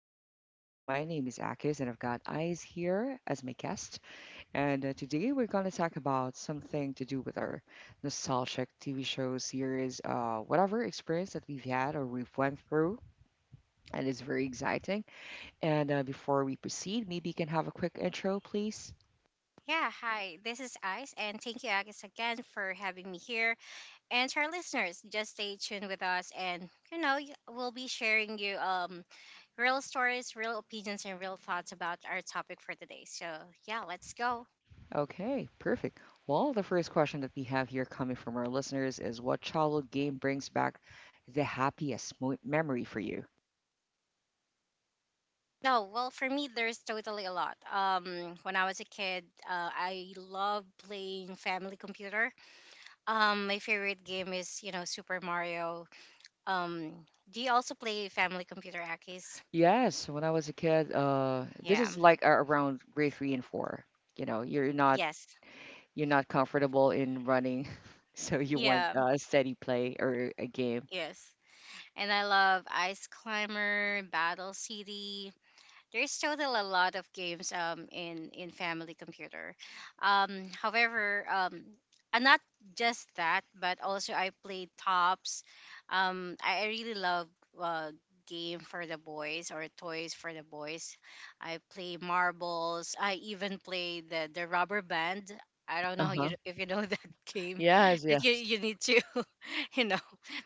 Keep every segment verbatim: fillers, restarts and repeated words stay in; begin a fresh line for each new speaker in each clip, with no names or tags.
and everything is real. My name is Akis and I've got Eyes here as my guest. And uh, today we're gonna talk about something to do with our nostalgic T V shows, series, uh, whatever experience that we've had or we've went through, and it's very exciting. And uh, before we proceed, maybe you can have a quick intro, please.
Yeah, hi, this is Ice, and thank you, Agus, again for having me here. And to our listeners, just stay tuned with us, and you know, y- we'll be sharing you um real stories, real opinions, and real thoughts about our topic for today. So yeah, let's go.
Okay, perfect. Well, the first question that we have here coming from our listeners is what childhood game brings back the happiest mo memory for you?
No, well, for me, there's totally a lot. Um, when I was a kid, uh, I loved playing family computer. Um, my favorite game is, you know, Super Mario. Um, do you also play family computer, Akis?
Yes, when I was a kid, uh, this
Yeah.
is like a- around grade three and four. You know, you're not
Yes.
you're not comfortable in running, so you want
Yeah,
a steady play or a game.
yes. And I love Ice Climber, Battle City, there's still a lot of games um in in family computer. Um, however, um, and not just that, but also I played tops. Um, I, I really love uh game for the boys or toys for the boys. I play marbles. I even play the the rubber band. I don't know
Uh-huh.
you if you know that game
Yes,
that you,
yes.
you need to you know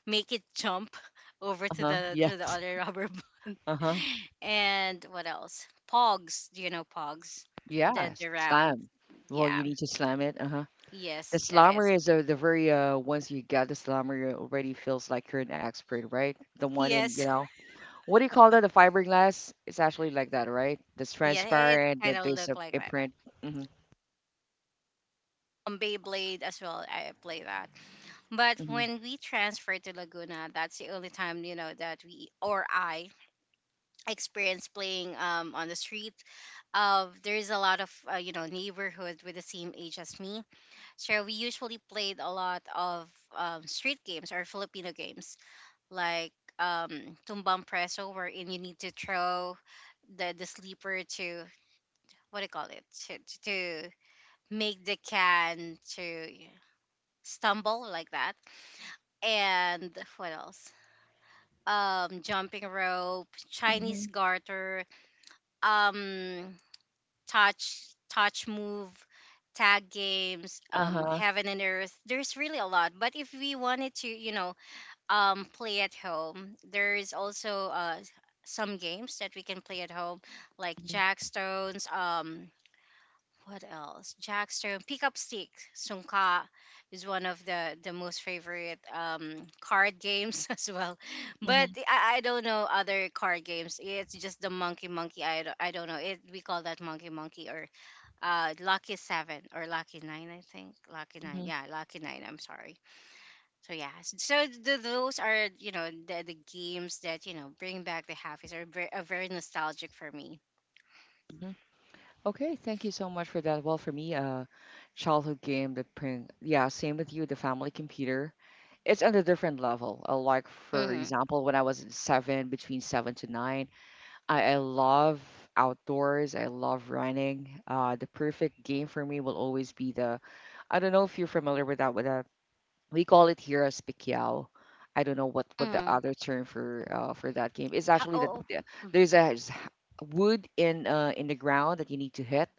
make it jump over to
Uh-huh.
the to the
Yes.
other rubber
Uh-huh.
and what else? Pogs. Do you know Pogs? The
Yeah,
the round.
slam. Well,
Yeah.
you need to slam it. Uh-huh. The
Yes, that
slammer
is.
is, uh, the very uh ones you got the slammer, already feels like you're an expert, right? The one in, you
Yes.
know, what do you call that? The fiberglass. It's actually like that, right? That's
Yeah, it
transparent.
kind
That
of
there's
look
a
like like that.
imprint. Mm-hmm.
Um, Beyblade as well. I play that. But
Mm-hmm.
when we transferred to Laguna, that's the only time you know that we or I experienced playing um on the street. Of there is a lot of uh, you know neighborhood with the same age as me, so we usually played a lot of um, street games or Filipino games like um tumbang preso wherein you need to throw the the sleeper to what do you call it to, to to make the can to yeah, stumble like that and what else um jumping rope, chinese
Mm-hmm.
garter, um touch touch move, tag games, um
Uh-huh.
heaven and earth. There's really a lot, but if we wanted to, you know, um play at home. There is also uh some games that we can play at home, like
Mm-hmm.
jackstones. Um, what else? Jackstone, pick up stick, sungka is one of the the most favorite um card games as well.
Mm-hmm.
But I, I don't know other card games. It's just the monkey monkey. I don't, I don't know. It we call that monkey monkey or uh lucky seven or lucky nine. I think lucky nine. Yeah, lucky nine. I'm sorry so yeah, s- so th- those are you know the, the games that you know bring back the happiness are very, are very nostalgic for me.
Hmm. Okay, thank you so much for that. Well, for me, uh, childhood game that bring, yeah, same with you. The family computer. It's on a different level. Uh, like for
Mm-hmm.
example, when I was seven, between seven to nine. I, I love outdoors. I love running. Uh, the perfect game for me will always be the. I don't know if you're familiar with that. With a, we call it here as pikyao. I don't know what what the
Mm-hmm.
other term for, uh, for that game is.
Oh,
Actually, that
oh,
the-
mm.
there's a s- wood in, uh, in the ground that you need to hit,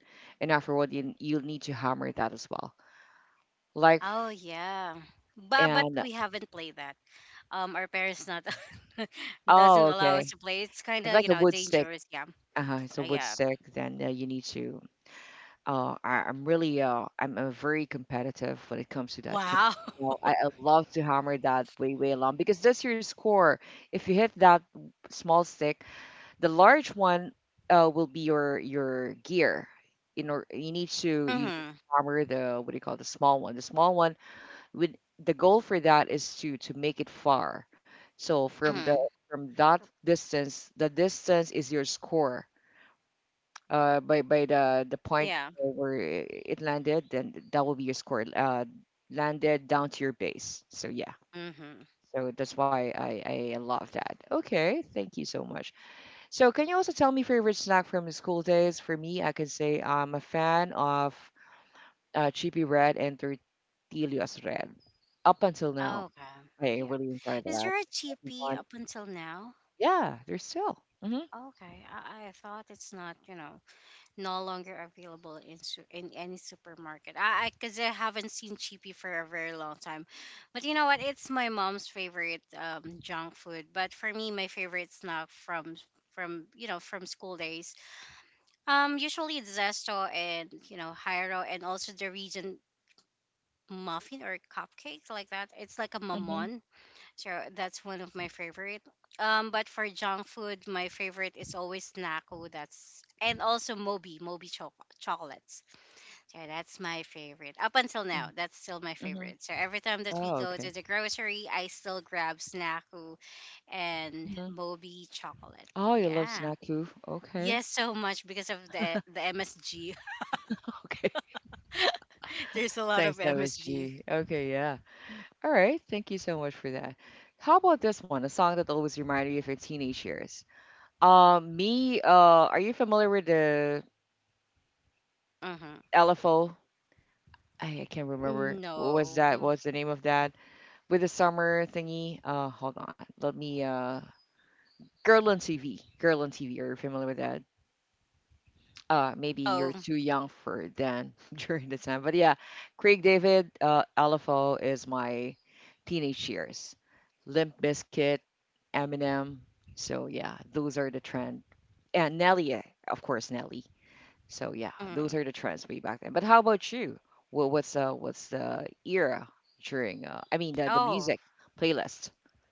and afterward you you'll need to hammer that as well. Like
Oh
f-
yeah. But but
and
we haven't played that. Um, our parents not
Oh,
doesn't allow us
okay,
to play. It's kind
it's
of
like
you
a
know
wood stick.
dangerous. Yeah.
Uh-huh, it's a
Uh,
wood
yeah.
stick. Then, uh, you need to. Uh, I, I'm really, uh, I'm, uh very competitive when it comes to that game.
Wow.
You know, I, I love to hammer that way way long because that's your score. If you hit that small stick, the large one, uh, will be your your gear. In or you need to you need
Mm-hmm.
to hammer the, what do you call it, the small one. The small one would the goal for that is to to make it far. So from the
Mm-hmm.
from that distance, the distance is your score, uh, by by the the point
Yeah.
where i- it landed, then that will be your score. Uh, landed down to your base. So yeah.
Mm-hmm.
So that's why I, I love that. Okay, thank you so much. So can you also tell me favorite snack from the school days? For me, I can say I'm a fan of, uh, Chippy Red and Tortillas Red. Up until now,
Okay.
I
Yeah.
really enjoy
Is
that.
there a G P
One,
up until now?
yeah, they're still. Mm-hmm.
Okay. I, I thought it's not. You know. No longer available in su- in any supermarket. I because I, 'cause I haven't seen chippy for a very long time, but you know what? It's my mom's favorite um, junk food. But for me, my favorite snack from from you know from school days, um, usually it's Zesto and you know Hyro and also the region muffin or cupcake like that. It's like a
Mm-hmm.
mamon, so that's one of my favorite. Um, but for junk food, my favorite is always Nako. That's and also Moby, Moby choc- chocolates. So that's my favorite. Up until now, that's still my
Mm-hmm.
favorite. So every time that we
Oh,
go
okay.
to the grocery, I still grab Snacku and
Hmm.
Moby chocolate.
Oh, you love
Yeah.
snack food. Okay.
Yes, so much because of the the M S G.
Okay.
There's a lot
Thanks,
of M S G.
M S G. Okay, yeah. All right. Thank you so much for that. How about this one? A song that always reminded you of your teenage years. Um, me, uh, are you familiar with the L F O? I, I can't remember.
Mm-hmm.
What was that?
No.
What's the name of that? With the summer thingy? Uh, hold on. Let me, uh, Girl on T V. Girl on T V. Are you familiar with that? Uh maybe you're
Oh.
too young for then during the time, but yeah, Craig David, uh LFO is my teenage years, Limp Biscuit, Eminem. So yeah, those are the trend. And Nelly, eh, of course Nelly. So yeah, those
Mm.
are the trends way back then. But how about you? Well, what's, uh what's the era during, uh I mean, the, the
Oh.
music playlist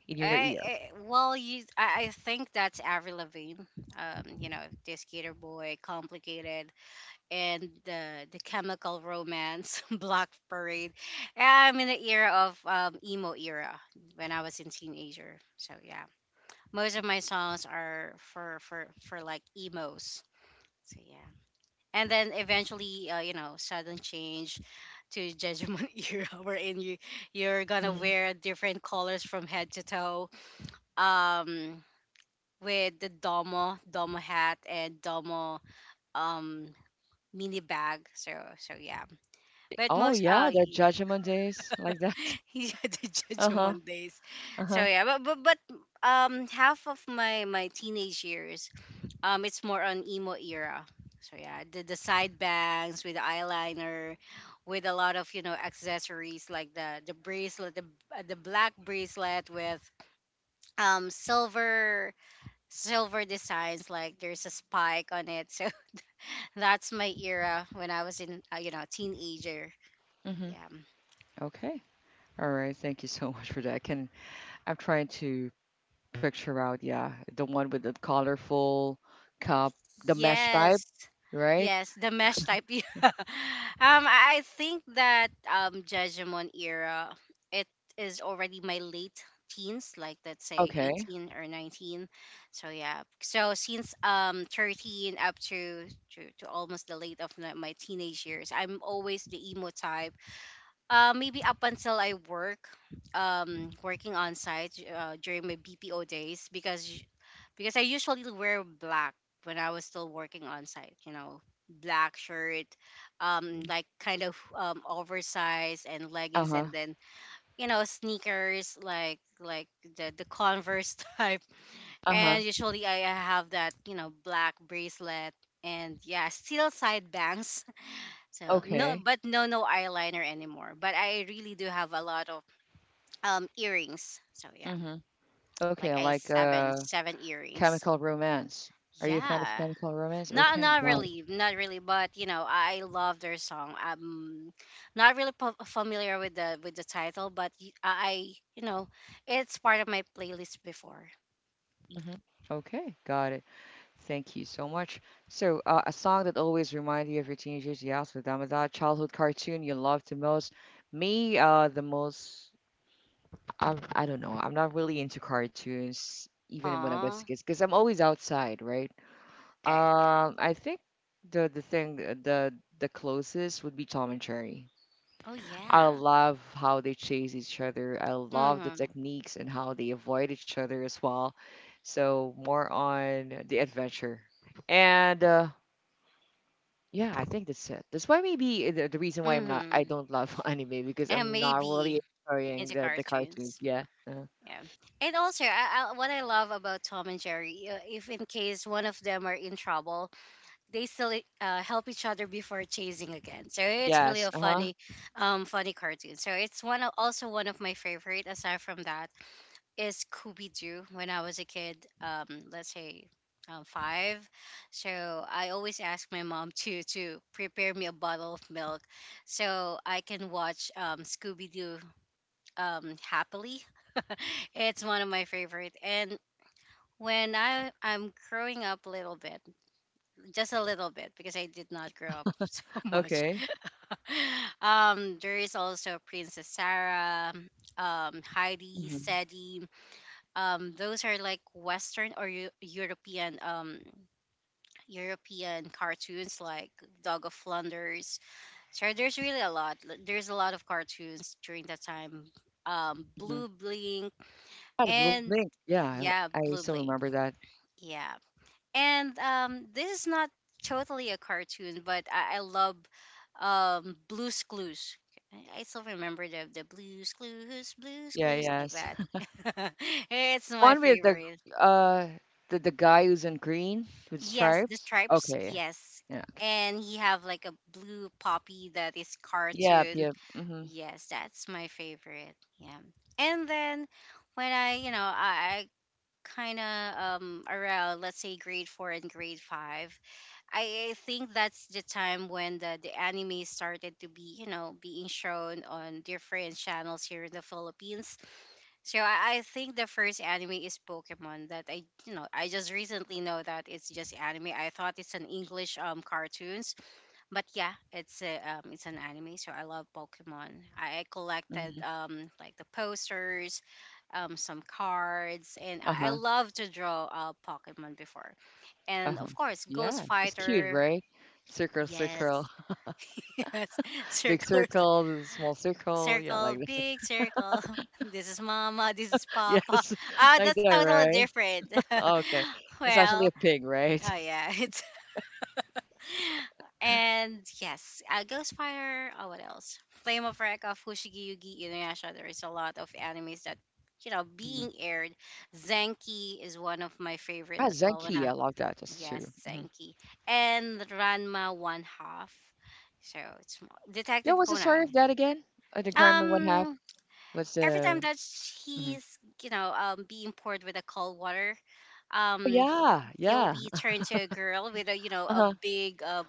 in your
I,
ear.
I well, you. I, I think that's Avril Lavigne. Um, you know, this gator boy, complicated, and the the chemical romance block parade. Yeah, I'm in the era of um, emo era when I was in teenager, so yeah, most of my songs are for for for like emos. So yeah, and then eventually uh, you know sudden change to judgment era wherein you you're gonna
Mhm.
wear different colors from head to toe, um with the domo domo hat and domo um mini bag. So so yeah. But
Oh
most, oh,
yeah, the
yeah,
judgment days like that.
he's the judge on
Uh-huh.
Mondays. So
Uh-huh.
yeah, but, but but um, half of my my teenage years, um, it's more on emo era. So yeah, the the side bangs with the eyeliner, with a lot of you know accessories like the the bracelet, the uh, the black bracelet with um silver silver designs like there's a spike on it. So that's my era when I was in uh, you know teenager.
Hmm.
Yeah.
Okay. All right, thank you so much for that. Can I'm trying to picture out, yeah, the one with the colorful cup, the mesh type,
Yes.
right?
Yes, the mesh type. Yeah. um, I I think that um Judgment era it is already my late teens, like let's say
Okay.
eighteen or nineteen. So yeah. So since um thirteen up to to, to almost the late of my my teenage years, I'm always the emo type. Uh, maybe up until I work um working on site uh, during my B P O days because because I usually wear black when I was still working on site, you know, black shirt, um, like kind of um, oversized and leggings,
Uh-huh.
and then you know sneakers like like the the Converse type.
Uh-huh.
And usually I have that you know black bracelet, and yeah, still side bangs. So no,
Okay.
but no no eyeliner anymore. But I really do have a lot of um earrings. So yeah,
Mm-hmm. Okay, I
like I
like,
seven
uh
seven earrings.
Chemical Romance. Are you a fan of
Yeah.
Chemical Romance?
Not
Okay,
not
got it.
really, not really, but you know, I love their song. I'm not really p- familiar with the with the title, but y- I, you know, it's part of my playlist before.
Mm-hmm. Okay, got it. Thank you so much. So, uh, a song that always reminds you of your teenagers, yes, with Amada, childhood cartoon you loved the most. Me, uh, the most I'm, I don't know. I'm not really into cartoons, even when I was a
Oh,
kid, because I'm always outside, right?
okay. Yeah.
Um, I think the the thing uh, the the closest would be Tom and Jerry.
Oh
I
yeah.
love how they chase each other. I love the
Mhm.
techniques and how they avoid each other as well. So more on the adventure, and, uh, yeah, I think that's it. That's why maybe, uh, the, the reason why I'm not I
Mhm.
don't love anime because
And
I'm not
maybe
really enjoying
into
the the cartoons.
cartoons.
Yeah. Uh,
Yeah. And also, I, I, what I love about Tom and Jerry, uh, if in case one of them are in trouble, they still uh, help each other before chasing again. So it's really
yes.
a
Uh huh.
funny, um, funny cartoon. So it's one of, also one of my favorite. Aside from that, is Scooby Doo. When I was a kid, um, let's say. Um, five, so I always ask my mom to to prepare me a bottle of milk, so I can watch um, Scooby Doo um, happily. It's one of my favorite, and when I I'm growing up a little bit, just a little bit because I did not grow up so much.
Okay.
Um, there is also Princess Sarah, um, Heidi,
Hmm.
Sadie. Um, those are like Western or Eu- European um, European cartoons like Dog of Flanders. So there's really a lot. L- There's a lot of cartoons during that time. Um,
Hmm.
Blue Blink
Ah, the blue
and
blink. Yeah, I, l-
yeah,
I
Blue
still
Blink.
remember that.
Yeah. And um, this is not totally a cartoon, but I, I love um, Blue's Clues. I I still remember the the Blue's Clues, Blue's
Yeah,
Clues like
yes.
that. It's my
One with the,
favorite.
uh the, the guy who's in green with
Yes, the
stripes.
stripes.
Okay.
Yes,
Yeah.
and he have like a blue poppy that is
Yep,
cartoon.
yep. Mm-hmm.
Yes, that's my favorite. Yeah, and then when I you know I, I kind of um around let's say grade four and grade five, I, I think that's the time when the, the anime started to be, you know, being shown on different channels here in the Philippines. So I, I think the first anime is Pokemon that I, you know, I just recently know that it's just anime. I thought it's an English um cartoons, but yeah, it's a um it's an anime. So I love Pokemon. I, I collected
Mm-hmm.
um like the posters, um, some cards, and I I
Uh-huh.
love to draw uh, Pokemon before. And
Uh-huh.
of course, Ghost
Yeah. It's cute,
Fighter.
right? Circle,
Yes.
circle.
Yes.
Big
Circle,
circle, small circle. Yeah,
circle,
like that.
Big circle. This is mama, this is papa.
Yes.
Ah,
Like
that's
that,
totally
right?
different.
Okay. It's actually
Well,
a pig, right?
oh yeah, it's and yes, uh, Ghostfire. Oh, what else? Flame of Wreck of Fushigi Yugi Inuyasha. There is a lot of animes that you know being
Mm.
aired. Zenki is one of my favorite
Ah,
as well. When
Zenki.
I
I love that. That's
yes,
true. Mm-hmm.
Senki. And Ranma one half. So it's mo-
Yeah,
Detective
what's the story of
Conan.
that again? Uh, the crime and what happened?
Um
What's
every time
the?
that
Mhm.
he's, you know, um being poured with a cold water,
Oh,
um he,
yeah,
he'll
yeah.
be turned to a girl with a, you know,
Uh
a
huh.
big uh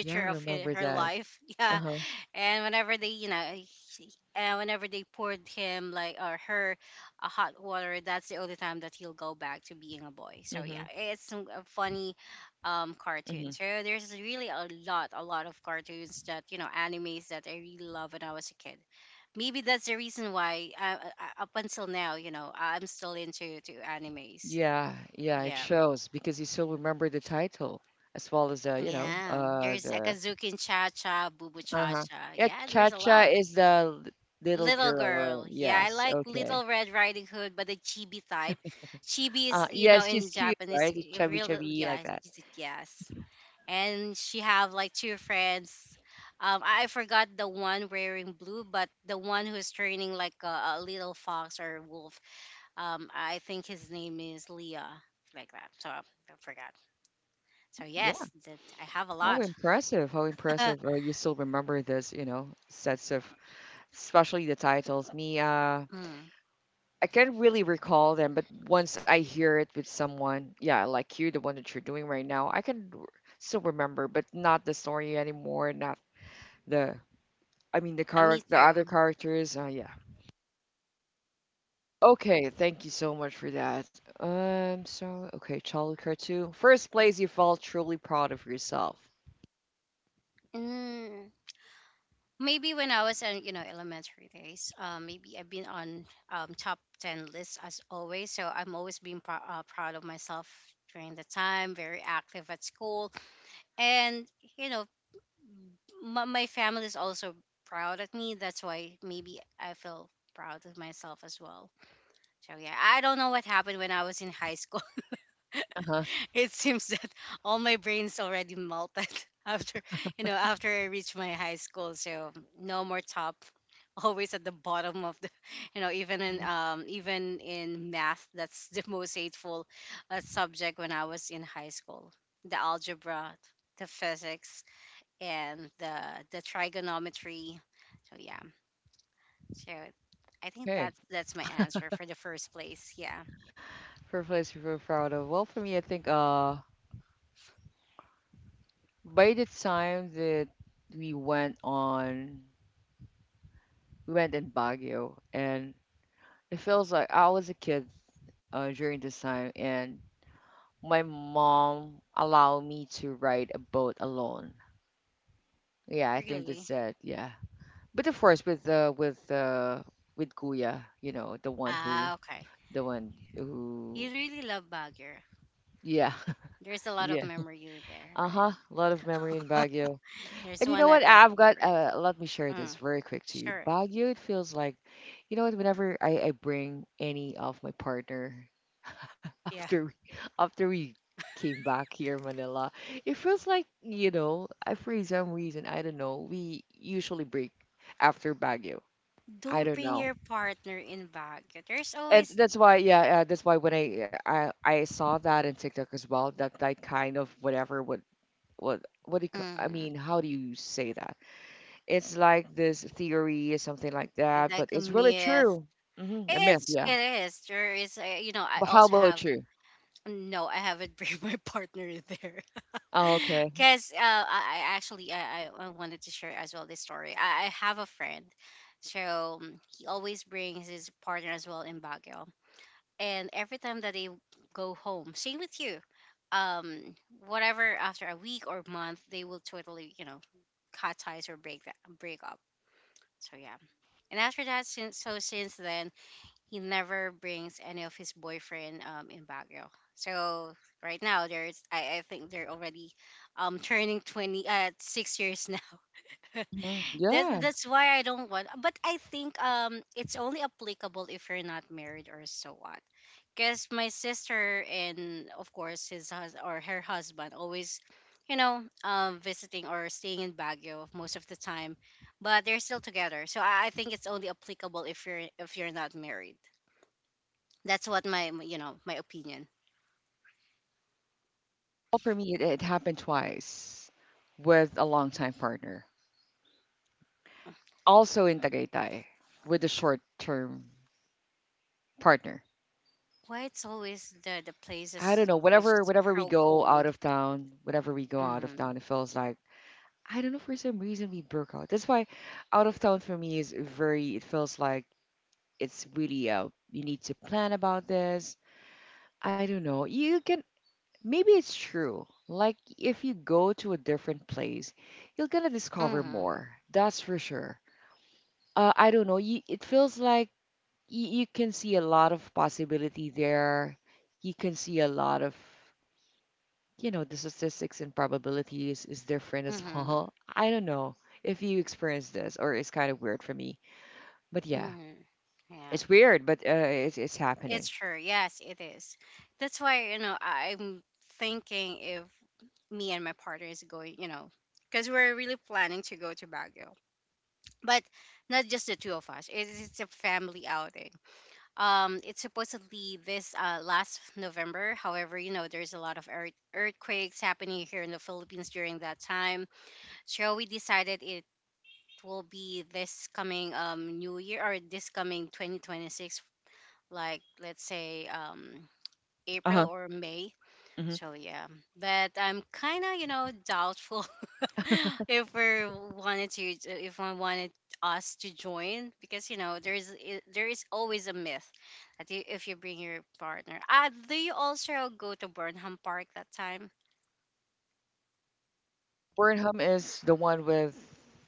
Yeah, I
of her,
remember
her
that.
life.
Uh
Yeah,
huh.
and whenever they you know he- uh, whenever they poured him like or her a hot water, that's the only time that he'll go back to being a boy. So yeah,
Mhm.
it's some- a funny um cartoon.
Mhm.
So there's really a lot a lot of cartoons that you know animes that I really love when I was a kid. Maybe that's the reason why uh, uh, up until now you know I'm still into to animes.
Yeah, yeah. It
Yeah,
shows because you still remember the title as well as the, you know,
yeah,
uh,
there's
the.
akazuki and cha cha bubu
Uh
cha
huh.
cha.
Yeah,
Yeah,
Cha
there's a
Cha
lot.
is the l- little
Little
girl,
girl.
or
Yeah, I
yes,
like Little
okay.
Red Riding Hood, but the chibi type. Chibi
Uh,
is, you
yeah,
know, in
she's cute,
Japanese,
right? It's
i-
chubby,
real. uh,
chubby
Yeah,
like that.
is it- yes. And she have like two friends. Um, I I forgot the one wearing blue, but the one who's training like a, a little fox or wolf. Um, I think his name is Leah, like that. So I forgot. So
Yeah.
yes, that I have a
How
lot.
impressive! How impressive! Uh, you still remember this, you know, sets of, especially the titles. Me, uh,
Mm.
I can't really recall them, but once I hear it with someone, yeah, like you, the one that you're doing right now, I can r- still remember, but not the story anymore, not the, I mean, the
Uh, Me
character, the other
too.
characters. Uh, yeah. Okay, thank you so much for that. Um, so okay, childhood cartoon. First place you felt truly proud of yourself.
Mm. Maybe when I was in you know elementary days, um, maybe I've been on um, top ten lists as always. So I'm always being prou- uh, proud of myself during the time. Very active at school, and you know, my, my family is also proud at me. That's why maybe I feel proud of myself as well. So yeah, I don't know what happened when I was in high school.
Uh huh.
It seems that all my brains already melted after you know after I reached my high school. So no more top, always at the bottom of the. you know even in um even in math, that's the most hateful uh, subject when I was in high school, the algebra, the physics, and the the trigonometry. So yeah, so I think
Okay.
that's that's my answer for the first place. Yeah,
First place you feel proud of. Well, for me, I think, uh by the time that we went on we went in Baguio, and it feels like I was a kid, uh, during this time, and my mom allowed me to ride a boat alone. Yeah, I think
really.
that's it. Yeah, but of course, with uh, with uh, with Kuya, you know, the one who,
Ah, okay,
the one who,
you really love Baguio.
yeah,
There's a lot of
yeah,
memory there,
uh
right?
huh, a lot of memory in Baguio.
There's
And you know
one
what?
other
I've got.
favorite.
Uh, let me share this
Mm,
very quick to you.
sure.
Baguio, it feels like, you know what? Whenever I, I bring any of my partner
Yeah.
after we, after we came back here in Manila. It feels like, you know, I for some reason, I don't know, we usually break after Baguio. I
Don't
don't
bring
know.
your partner in bag. There's
And
always.
that's why, yeah, uh, that's why when I, uh, I I saw that in TikTok as well, that that kind of whatever, what what what do you, ca- I
Mhm.
mean, how do you say that? It's like this theory or something like
It's
that,
like
but
a
it's really
myth.
true. Hmm. A myth,
It's
yeah.
it is. There is a, you know, I
But how
also
about
have.
you?
No, I haven't bring my partner there.
Oh, okay.
Cause uh I, I actually I, I I wanted to share as well this story. I, I have a friend. So, um, he always brings his partner as well in Baguio. And every time that they go home, same with you. Um, Whatever, after a week or month, they will totally, you know, cut ties or break that, break up. So yeah. And after that, since so since then, he never brings any of his boyfriend um in Baguio. So right now, there's I, I think they're already um turning twenty at uh, six years now.
Hmm. Yeah.
That that's why I don't want. But I think um it's only applicable if you're not married or so on. Because my sister and of course his hus- or her husband always, you know, um, visiting or staying in Baguio most of the time, but they're still together. So I, I think it's only applicable if you're if you're not married. That's what my my- you know my opinion.
Well, for me, it, it happened twice with a longtime partner, also in Tagaytay, with a short-term partner.
Why it's always the the
I don't know.
places which
Whenever,
is
whenever we
so
go out
cold.
of town, whenever we go out of
Mm-hmm.
town, it feels like I don't know for some reason we broke out. That's why out of town for me is very. It feels like it's really, uh you need to plan about this. I don't know. You can Maybe it's true. Like if you go to a different place, you're gonna discover
Mm-hmm.
more. That's for sure. uh, I don't know. You, it feels like you, you can see a lot of possibility there. You can see a lot of, you know, the statistics and probabilities is different as
Mm-hmm.
well. I don't know if you experience this or it's kind of weird for me. But yeah,
Mm-hmm. Yeah.
it's weird, but, uh, it's it's
It's
happening.
true. Yes, it is. That's why, you know, I'm thinking if me and my partner is going, you know, because we're really planning to go to Baguio. But not just the two of us. It, it's a family outing. Um, it's supposedly this uh, last November. However, you know, there's a lot of earth- earthquakes happening here in the Philippines during that time. So we decided it will be this coming um, new year or this coming twenty twenty-six, like let's say um
Uh huh.
April or May.
Hmm.
So yeah, but I'm kind of you know doubtful if we wanted to if I wanted us to join, because you know there is i- there is always a myth that you, if you bring your partner. Uh, do you also go to Burnham Park that time?
Burnham is the one with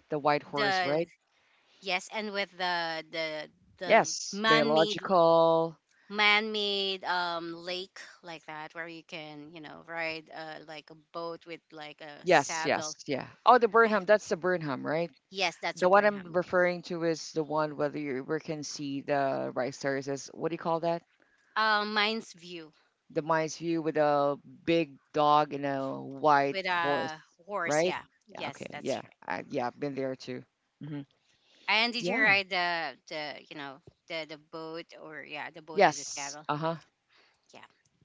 the white horse,
The
right?
Yes, and with the the the
Yes,
man-made
biological.
man-made um lake like that, where you can you know ride uh, like a boat with like a
Yes,
saddle.
yes, yeah. Oh, the
Ah,
Burnham. That's the Burnham, right?
yes, that's a
The one I'm
Burnham.
referring to is the one whether you we can see the rice terrace as what do you call that?
Um, mine's View
The mind's view with a big dog and a white
with
horse,
a horse.
right?
Yeah.
Yeah, okay,
Yes, that's
yeah,
right.
I, yeah, I've been there too. Hmm.
And did you
Yeah.
ride the the you know the the boat, or yeah, the boat with the
Yes.
saddle?
Uh huh.
Yeah,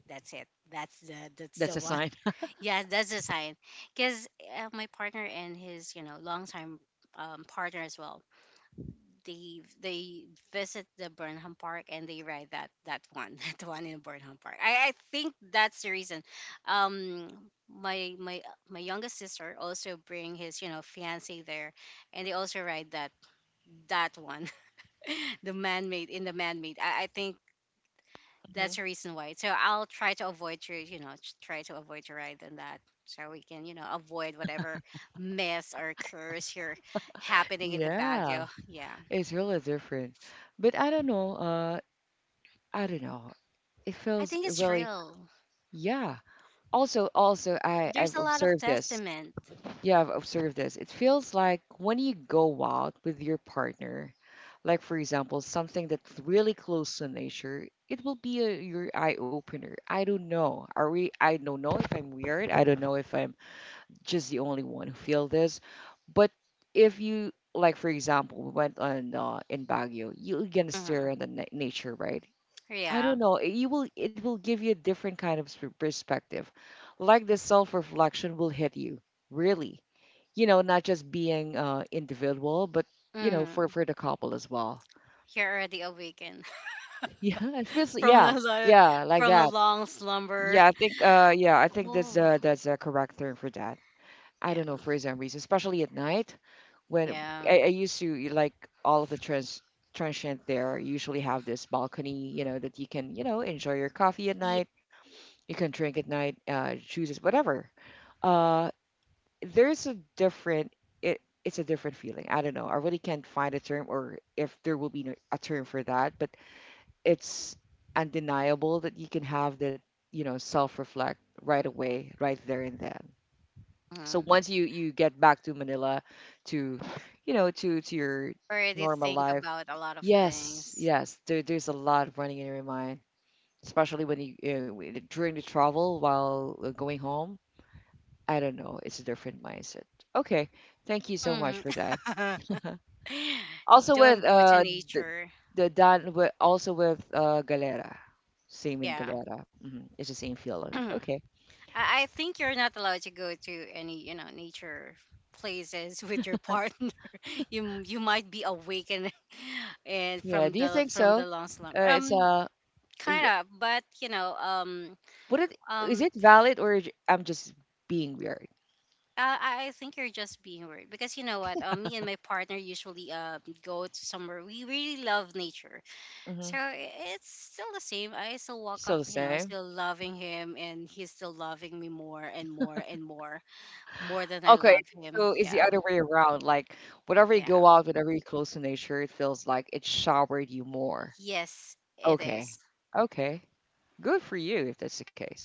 that's it. That's the that's
That's a
the one.
sign.
Yeah, that's the sign. Cause uh, my partner and his you know longtime um partner as well, they they visit the Burnham Park and they ride that that one that one in Burnham Park. I, I think that's the reason. Um, my my my youngest sister also bring his you know fiance there, and they also ride that that one, the man made in the man made. I, I think
Hmm.
that's the reason why. So I'll try to avoid to you know t- try to avoid to ride on that. So we can, you know, avoid whatever mess or curse here happening in the
Yeah,
Baguio. Yeah,
it's really different. But I don't know, uh I don't know. It
I
feels
think it's
really
real.
yeah. Also also I
There's
I've
a lot of
observed this.
testament.
Yeah, I've observed this. It feels like when you go out with your partner, like for example, something that's really close to nature, it will be a, your eye opener. I don't know. Are we? I don't know if I'm weird. I don't know if I'm just the only one who feel this. But if you, like for example, we went on uh, in Baguio, you're gonna
Hmm.
stare at the na- nature, right? I
Yeah.
don't know. It, you will it will give you a different kind of sp- perspective. Like the self-reflection will hit you, really. You know, not just being uh individual, but you know, for
Hmm.
for the couple as well.
You're already awakened
Yeah, it feels,
from
yeah,
the lo-
yeah, like
from a
that.
long
Yeah,
slumber.
I think uh yeah, I think that's
Oh,
uh that's a correct term for that. I
yeah,
don't know, for some reason, especially at night when
yeah,
I, I used to like all of the trans transient there usually have this balcony, you know, that you can, you know, enjoy your coffee at
yeah.
night. You can drink at night, uh juices, whatever. uh there's a different it, it's a different feeling. I don't know, I really can't find a term, or if there will be no- a term for that, but it's undeniable that you can have that, you know self reflect right away, right there and then. So
Mhm.
once you you get back to Manila, to you know to to your
Already
normal
think
life.
about a lot of
Yes,
things.
yes, there, there's a lot running in your mind, especially when you uh, during the travel, while uh, going home. I don't know. It's a different mindset. Okay, thank you so
Hmm.
much for that. Also with
Don't go to
uh the,
nature.
the Dan with also with uh Galera, same in
Yeah.
Galera. Hmm. It's the same feeling.
I,
Okay,
I think you're not allowed to go to any, you know, nature places with your partner. you m- you might be awakened and
yeah.
from
Do you
the
think
from
so?
the long slumber.
Uh, it's
Um
uh, is
kind
it-
of, but you know, um
would it is
um
it valid, or j- I'm just being weird?
I, I think you're just being worried, because you know what, um, me and my partner usually um go to somewhere we really love nature.
Mm-hmm.
So i- it's still the same. I still walk
Still
up,
the
you know,
same.
still loving him, and he's still loving me more and more and more, more than I
Okay,
love him.
so it's the
Yeah.
other way around. Like, whenever you go
Yeah.
out, whenever you're close to nature, it feels like it showered you more.
Yes, it
Okay,
is.
okay, good for you if that's the case.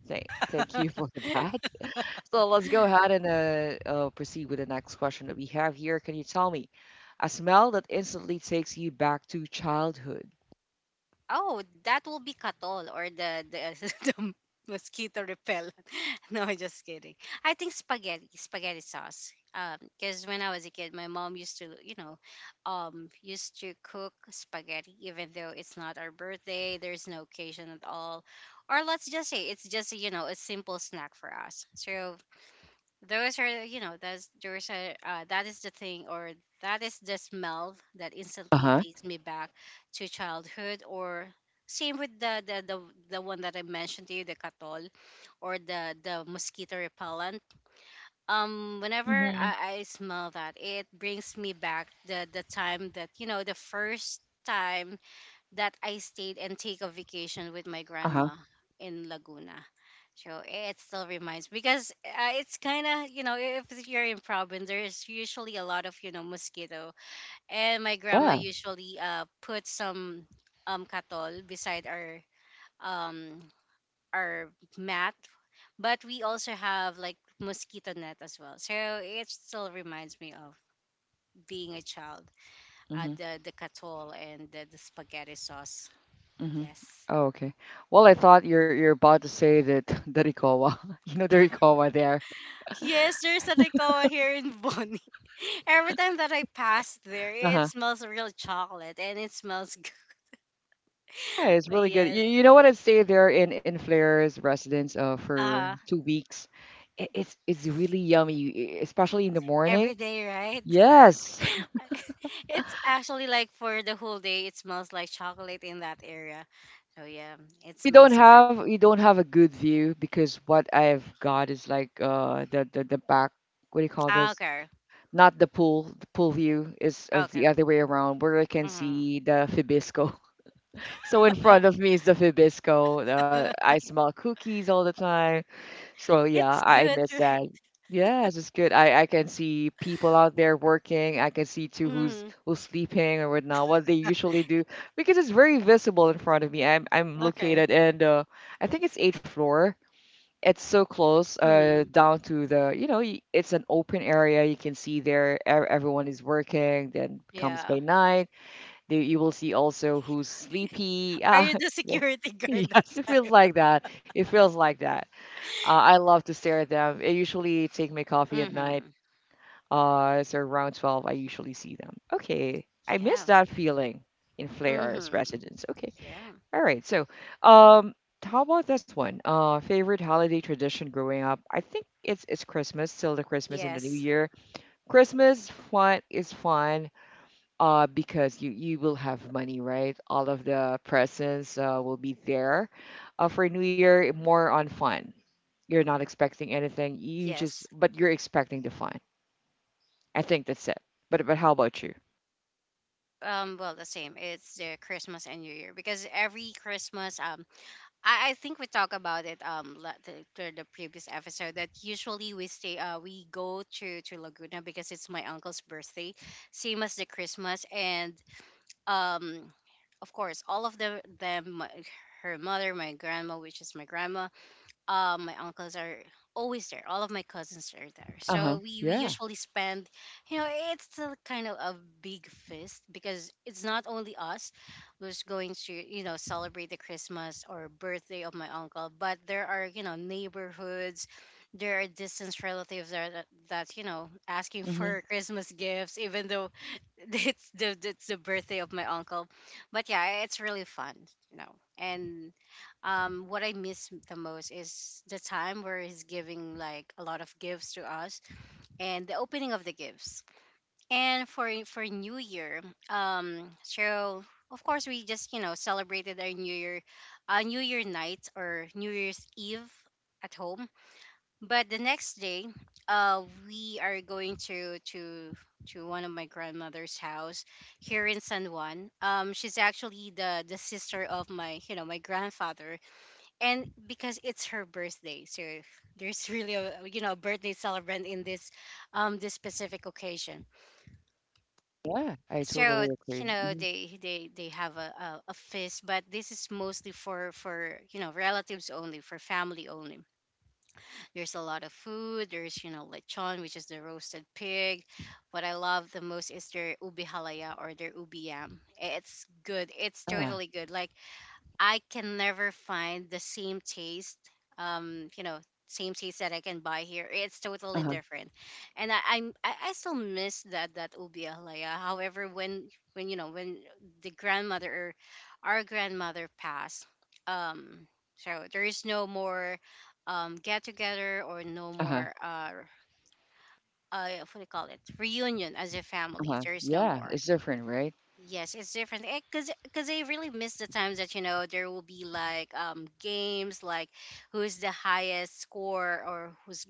Thank, thank you for that. So let's go ahead and uh, uh, proceed with the next question that we have here. Can you tell me a smell that instantly takes you back to childhood?
Oh, that will be Katol, or the the, the mosquito repellent. No, I'm just kidding. I think spaghetti, spaghetti sauce. Um, because when I was a kid, my mom used to, you know, um, used to cook spaghetti, even though it's not our birthday, there's no occasion at all, or let's just say it's just you know a simple snack for us. So those are you know that's there's a uh, that is the thing, or that is the smell that
Uh
instantly
huh.
takes me back to childhood, or same with the the the, the one that I mentioned to you, the katol, or the the mosquito repellent. Um whenever
Mm-hmm.
I, I smell that, it brings me back the the time that you know the first time that I stayed and take a vacation with my
Uh huh.
grandma in Laguna. So it still reminds, because uh, it's kind of you know if you're in province, there's usually a lot of you know mosquito. And my grandma
Yeah.
usually uh put some um katol beside our um our mat. But we also have like mosquito net as well, so it still reminds me of being a child, uh,
Mm-hmm.
the the katol and the, the spaghetti sauce.
Mm-hmm.
Yes.
Oh, okay. Well, I thought you're you're about to say that Darikowa. You know Darikowa there.
Yes, there's a Nicoa here in Bonnie. Every time that I pass there, it
Uh-huh.
smells real chocolate and it smells good.
Yeah, it's
Oh,
really good.
yes.
You, you know what? I stayed there in in Flair's residence uh for
Uh,
two weeks. It, it's it's really yummy, e- e, especially in the morning.
every day, right?
Yes.
It's actually like for the whole day, it smells like chocolate in that area. So, yeah, it
We don't
smells good.
have we don't have a good view, because what I've got is like uh the the, the back. What do you call
Ah,
this?
okay.
Not the pool. The pool view is, is
Okay.
the other way around, where I can
Hmm.
see the Fibisco. So in front of me is the Fibisco. Uh, I smell cookies all the time. So yeah,
It's
I
good,
miss
right?
that. Yes, it's good. I I can see people out there working. I can see too who's
Hmm.
who's sleeping or whatnot, what they usually do, because it's very visible in front of me. I'm I'm
Okay.
located in, uh I think it's eighth floor. It's so close, uh
Hmm.
down to the, you know y- it's an open area. You can see there, e- everyone is working. Then comes by
Yeah.
night. There you will see also who's sleepy.
Are
Ah,
you the
yeah.
security guard that
yes, it feels like that. It feels like that. Uh, I love to stare at them. I usually take my coffee
time?
at night.
Hmm.
Uh, so around twelve, I usually see them. Okay, I miss
Yeah.
that feeling in Flair's
Mm-hmm.
residence. Okay,
Yeah.
all right. So, um, how about this one? Uh, favorite holiday tradition growing up? I think it's it's Christmas, still the Christmas and the New
Yes.
Year. Christmas fun is fun, uh, because you you will have money, right? All of the presents, uh, will be there. Uh, for New Year, more on fun. You're not expecting anything. You just,
Yes.
but you're expecting the fun. I think that's it. But but how about you?
Um, well, the same. It's the Christmas and New Year, because every Christmas, um, I, I think we talk about it um la- the, the the previous episode, that usually we stay uh we go to to Laguna, because it's my uncle's birthday, same as the Christmas. And um, of course, all of the them my- her mother, my grandma, which is my grandma, uh, my uncles are always there. All of my cousins are there.
Uh-huh.
So we, we
Yeah.
usually spend, you know, it's still kind of a big feast, because it's not only us who's going to, you know, celebrate the Christmas or birthday of my uncle, but there are, you know, neighborhoods. There are distant relatives that, that, that you know asking
Mm-hmm.
for Christmas gifts, even though it's the it's the birthday of my uncle. But yeah, it's really fun, you know. And um what I miss the most is the time where he's giving like a lot of gifts to us, and the opening of the gifts. And for for new year, um so of course we just you know celebrated our new year, uh, new year night or new year's eve at home. But the next day, uh we are going to to to one of my grandmother's house here in San Juan. Um she's actually the the sister of my you know my grandfather, and because it's her birthday, so there's really a you know birthday celebrant in this um this specific occasion.
Yeah, I totally
So you
agree.
know
Mm-hmm.
they they they have a, a, a feast, but this is mostly for for you know relatives only, for family only. There's a lot of food. There's you know lechon, which is the roasted pig. What I love the most is their ubi halaya, or their ubi yam. It's good, it's
uh,
totally good, like, I can never find the same taste. Um, you know, Same taste that I can buy here. It's totally
uh-huh,
different, and I I'm, I, I still miss that that ubi alaya. However, when when you know when the grandmother or our grandmother passed, um, so there is no more um get together or no
uh-huh,
more uh uh what do you call it, reunion as a family.
uh-huh.
There is no
Yeah,
more.
it's different, right?
Yes, it's different. Because because I really miss the times that you know there will be like um games like who's the highest score or who's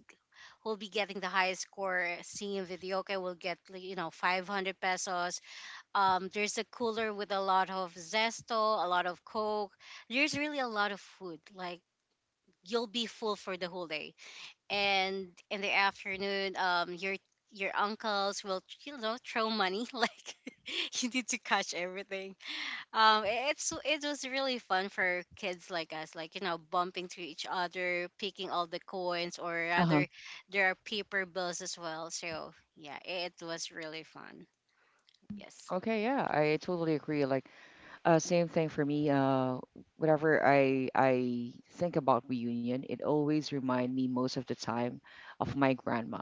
who'll be getting the highest score. Seeing Videoke will get like, you know, five hundred pesos. Um, there's a cooler with a lot of zesto, a lot of coke. There's really a lot of food. Like you'll be full for the whole day. And in the afternoon, um, your your uncles will, you know, throw money like you need to catch everything. um, i- it's it was really fun for kids like us, like, you know, bumping to each other, picking all the coins, or
Uh-huh.
rather, there are paper bills as well. So yeah, it was really fun. Yes,
Okay, yeah, I totally agree. Like, Uh, same thing for me. Uh, whenever I I think about reunion, it always remind me most of the time of my grandma.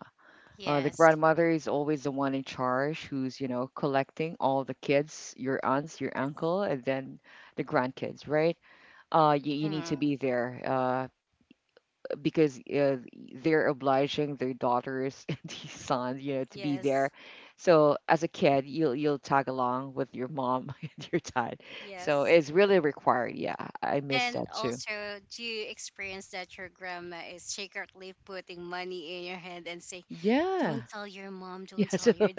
Uh, the
yes,
grandmother is always the one in charge who's, you know, collecting all the kids, your aunts, your
yes,
uncle, and then the grandkids, right? Uh, you, you need to
mhm,
be there. Uh, because uh, they're obliging their daughters and these sons, you know, to be there.
yes,
So as a kid, you'll you'll tag along with your mom and your dad. So
yes.
it's really required. Yeah, I miss
And
that too.
also, do you experience that your grandma is secretly putting money in your hand and saying,
Yeah.
"Don't tell your mom, don't
Yeah,
tell
so
your"?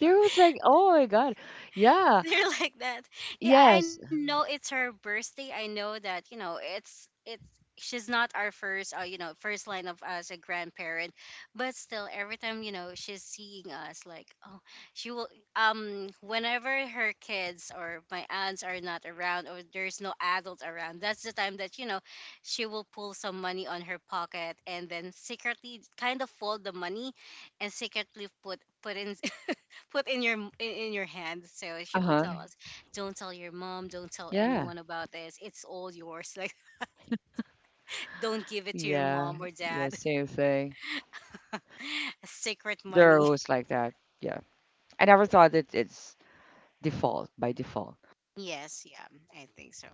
there was like, oh my God. Yeah.
They're like that. Yeah, I I
Yes.
know it's her birthday. I know that you know it's it's she's not our first uh, you know, first line of as a grandparent, but still every time you know she's seeing us like, oh, she will um whenever her kids or my aunts are not around or there's no adult around, that's the time that you know she will pull some money on her pocket and then secretly kind of fold the money and secretly put put in put in your m- in, in your hands. So she will
Uh-huh.
tell us, "Don't tell your mom. Don't tell
Yeah.
anyone about this. It's all yours." Like, don't give it to your
Yeah.
mom or
Yeah,
dad.
same thing.
"Secret
There
money."
was like that. Yeah. I never thought that it's default by default.
Yes, yeah, I think so.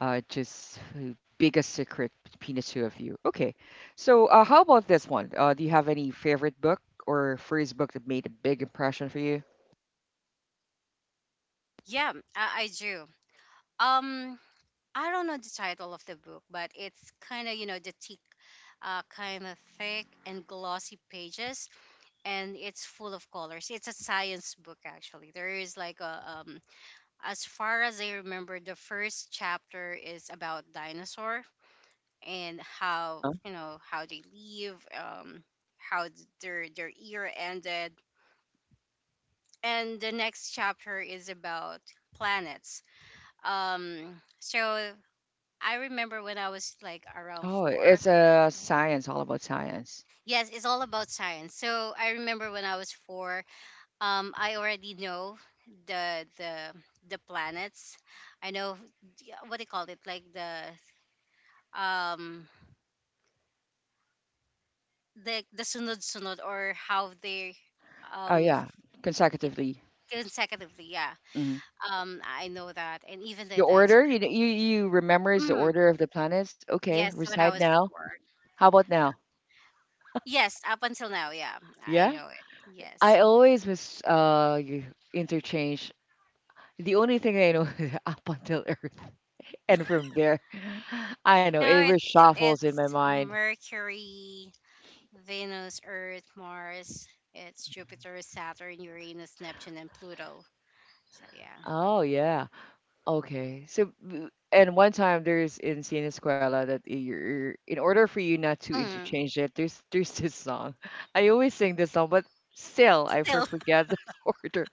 Uh, just uh, biggest secret between the two of you. Okay. So, uh, how about this one? Uh, do you have any favorite book, or first book that made a big impression for you?
Yeah, I, I do. Um, I don't know the title of the book, but it's kind of, you know, the thick, uh, kind of thick and glossy pages, and it's full of colors. It's a science book actually. There is like a um as far as I remember, the first chapter is about dinosaur and how,
Huh?
you know, how they leave, um, how th- their their era ended, and the next chapter is about planets. Um, so I remember when I was like around
Oh,
four.
it's uh, science, all about science.
Yes, it's all about science. So I remember when I was four, um, I already know the the the planets. I know, yeah, what they call it, like the um like the sunod-sunod or how they
Oh
um
yeah,
yeah,
consecutively.
consecutively, yeah,
Hmm.
um I know that and even the
The order,
dinosaur.
you you you remembers the
mm,
order of the planets. Okay,
yes, when
recite
I was
now.
four.
How about now?
Yes, up until now, yeah, I
Yeah,
know it,
I
yes.
always was uh you interchange. The only thing I know is up until Earth. And from there, I know
Now
it
it's
reshuffles in my
it's
mind.
Mercury, Venus, Earth, Mars. It's Jupiter, Saturn, Uranus, Neptune, and Pluto. So yeah.
Oh yeah, okay. So, b- and one time, there's in Sinesquela, that you're, in order for you not to
mm,
interchange it, there's there's this song. I always sing this song, but still I for
Still,
forget the order.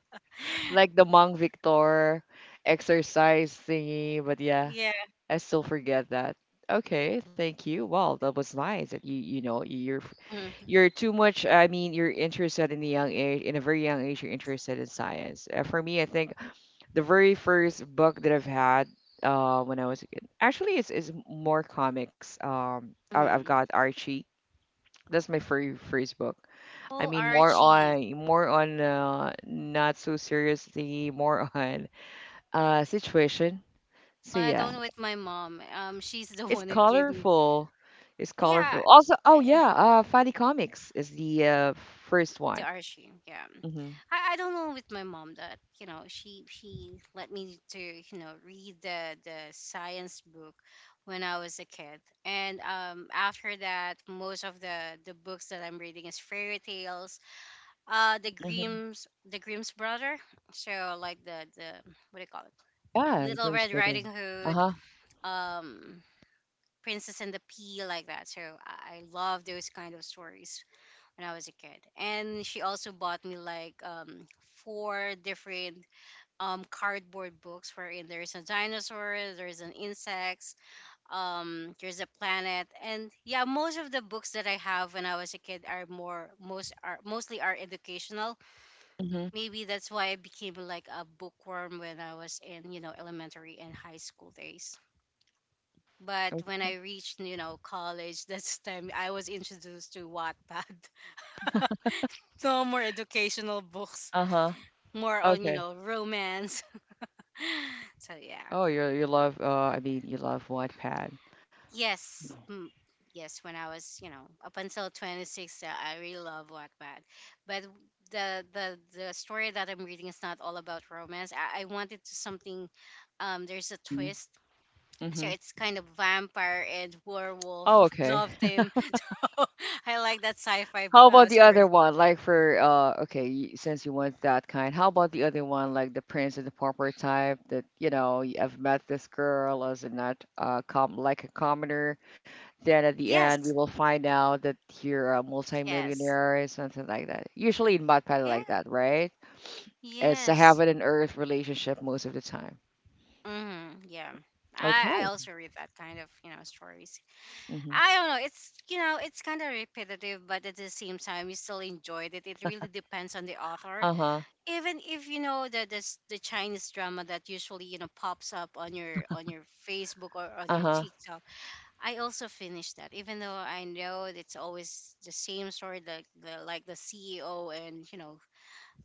Like the Mang Victor exercise thingy, but yeah,
yeah.
I still forget that. Okay, thank you. Well, that was nice that you you know you're
Mm-hmm.
You're too much. I mean, you're interested in a young age, in a very young age, you're interested in science. Uh, for me, I think the very first book that I've had, uh, when I was a kid, actually, it's, it's more comics. Um, I, I've
Mm-hmm.
got Archie. That's my very first book. I
All
mean, more
Archie.
on more on uh, not so seriously, more on, uh, situation. So
Well, I
yeah,
don't, with my mom. Um, she's the
it's
one who gave me.
colorful. It's
Yeah,
colorful. Also, oh
eh,
yeah, uh, Funny Comics is the, uh, first
the
one.
Archie. Yeah,
Mm-hmm.
I, I don't know with my mom that you know she she let me to, you know, read the the science book when I was a kid, and um after that most of the the books that I'm reading is fairy tales. Uh, the
Mm-hmm.
Grimm's the Grimm's brother. So like the the what do you call it?
Yeah, in
Little Red
Groomsbrother.
Riding Hood.
Uh-huh.
Um. Princess and the Pea, like that. So I I love those kind of stories when I was a kid. And she also bought me like um four different um cardboard books wherein there's a dinosaur, there's an insects, um there's a planet. And yeah, most of the books that I have when I was a kid are more most are mostly are educational.
Hmm.
Maybe that's why I became like a bookworm when I was in, you know, elementary and high school days. But when
Okay.
I reached, you know, college, that's the time I was introduced to Wattpad. No more educational books,
Uh-huh.
more on, you
Okay.
know, romance. So yeah.
Oh, you you love, uh I mean, you love Wattpad.
Yes. mm, Yes, when I was, you know, up until twenty-six, uh, I really love Wattpad. But the the the story that I'm reading is not all about romance. I, I wanted to something um there's a twist, so
Mm-hmm.
it's kind of vampire and
Oh,
werewolf
okay.
love theme. So I like that sci-fi
How about
uh,
the
story.
other one? Like for uh okay, y- since you want that kind, how about the other one, like the prince and the pauper type, that you know, y- I've met this girl as a, not, uh com like, a commoner. Then at the end,
Yes,
we will find out that you're a
yes,
multimillionaire, something like that. Usually in Wattpad like
yeah,
that, right? It's a
yes.
heaven and earth relationship most of the time.
Hmm, yeah, I I
Okay.
also read that kind of, you know, stories.
Hmm.
I don't know. It's, you know, it's kind of repetitive, but at the same time you still enjoyed it. It really depends on the author.
Uh huh.
Even if you know the the, s- the Chinese drama that usually you know pops up on your on your Facebook or on
Uh
your
huh.
TikTok, I also finished that, even though I know it's always the same story, like the like the C E O and you know,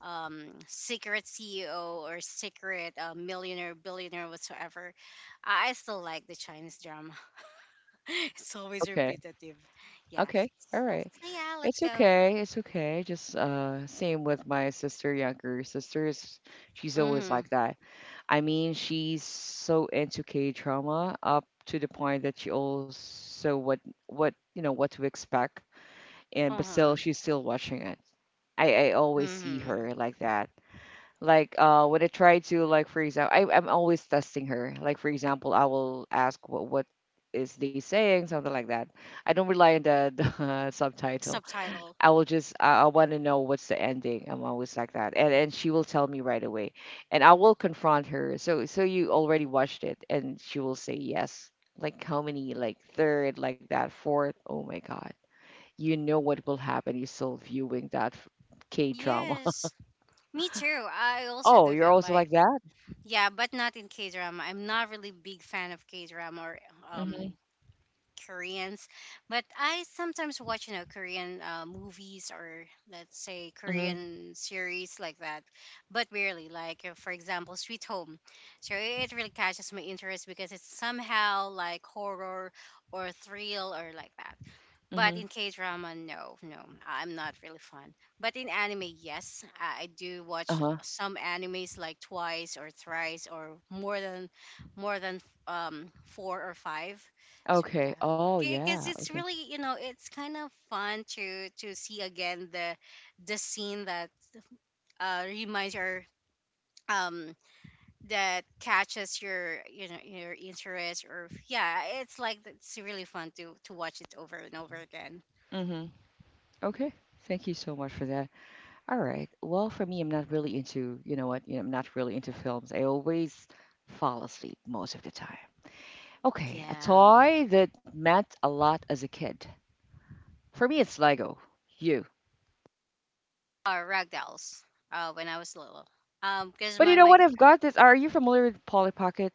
um, secret C E O or secret uh, millionaire, billionaire, whatsoever. I, I still like the Chinese drama. It's always
Okay.
repetitive. Yes.
Okay. All
So,
right.
so yeah, let's
It's
go.
okay. It's okay. Just, uh, same with my sister, younger sister. is- She's always
Mhm.
like that. I mean, she's so into K drama up to the point that she also, what what you know what to expect, and but still
Mhm.
she's still watching it. I I always see
Mhm.
her like that. Like, uh when I try to, like for example, I I'm always testing her. Like for example, I will ask what what is they saying, something like that. I don't rely on the, the subtitle.
Subtitle.
I will just, I, I want to know what's the ending. I'm always like that. And and she will tell me right away. And I will confront her. So so you already watched it, and she will say yes. Like how many, like third, like that, fourth. Oh my God, you know what will happen. You're still viewing that K drama.
Yes. Me too. I also
Oh,
do
you're
that.
also
Like,
like that?
yeah, but not in K drama. I'm not really big fan of K drama or
Mm-hmm.
um Koreans, but I sometimes watch, you know, Korean uh, movies or let's say
Mm-hmm.
Korean series like that, but rarely. Like, uh, for example, Sweet Home, so i- it really catches my interest because it's somehow like horror or thrill or like that.
Mm-hmm.
But in K drama, no, no, I'm not really fun. But in anime, yes, I I do watch
Uh-huh.
some animes like twice or thrice or more than, more than um four or five. So
Okay.
yeah,
Oh, yeah.
because it's
Okay.
really, you know, it's kind of fun to to see again the the scene that uh reminds your um that catches your, you know, your interest, or yeah, it's like it's really fun to to watch it over and over again.
Mm-hmm. Okay. Thank you so much for that. All right. Well, for me, I'm not really into, you know what, you know, I'm not really into films. I always fall asleep most of the time. Okay, a
Yeah. Um,
toy that meant a lot as a kid. For me, it's Lego. You.
uh ragdolls uh when I was little, um because
But you
my
know
my
what?
gr-
I've got this. Are you familiar with Polly Pocket?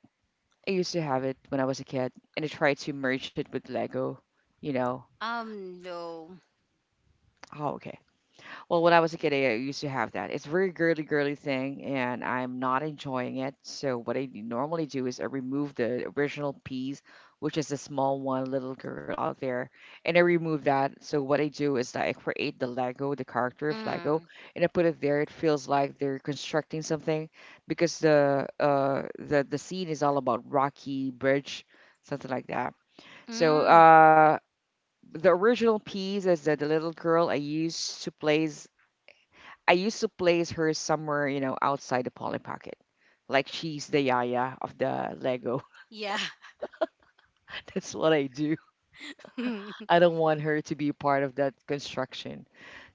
I used to have it when I was a kid, and I tried to merge it with Lego. You know.
um no.
Oh, okay. Well, when I was a kid, I used to have that. It's a very girly, girly thing, and I'm not enjoying it. So what I normally do is, I remove the original piece, which is the small one, little girl out there, and I remove that. So what I do is that I create the Lego, the character of Lego,
mm,
and I put it there. It feels like they're constructing something, because the uh the the scene is all about rocky bridge, something like that. So
mm,
uh, the original piece is that the little girl I used to place I used to place her somewhere, you know, outside the Polly Pocket. Like she's the yaya of the Lego.
yeah.
That's what I do. I don't want her to be part of that construction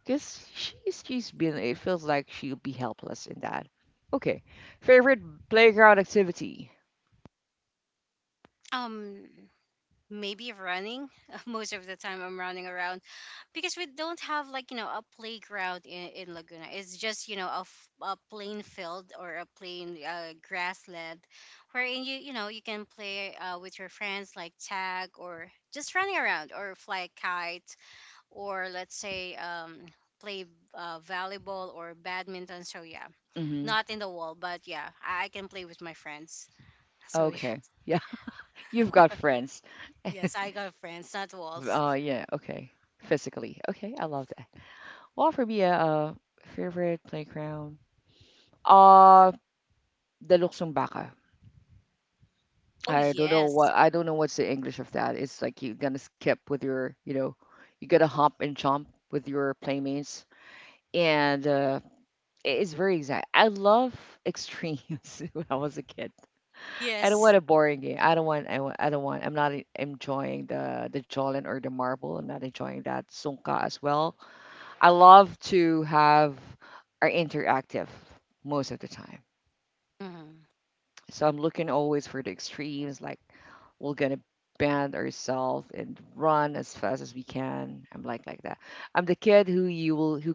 because she's she's been. It feels like she'll be helpless in that. Okay, favorite playground activity.
um Maybe running. Most of the time I'm running around because we don't have like, you know, a playground in, in Laguna. It's just, you know, a, f- a plain field or a plain uh, grassland, wherein you, you know, you can play uh, with your friends like tag or just running around or fly a kite or let's say um play uh, volleyball or badminton. So yeah,
hmm
not in the wall, but yeah, I, I can play with my friends. So yeah,
Okay, yeah, you've got friends.
yes, I got friends, not walls.
Uh, yeah, okay, physically. Okay, I love. Well, for me, uh, favorite playground. Uh, the luksong baka.
Oh
I don't know
yes,
what I don't know what's the English of that. It's like you're gonna skip with your, you know, you gotta hop and jump with your playmates, and uh, it's very exact. I love extremes when I was a kid. I don't
yes.
want a boring game. I don't want. I, wa- I don't want. I'm not e- enjoying the the jolin or the marble. I'm not enjoying that sungka as well. I love to have are interactive most of the time.
Hmm.
So I'm looking always for the extremes, like we're gonna bend ourselves and run as fast as we can. I'm like like that. I'm the kid who you will who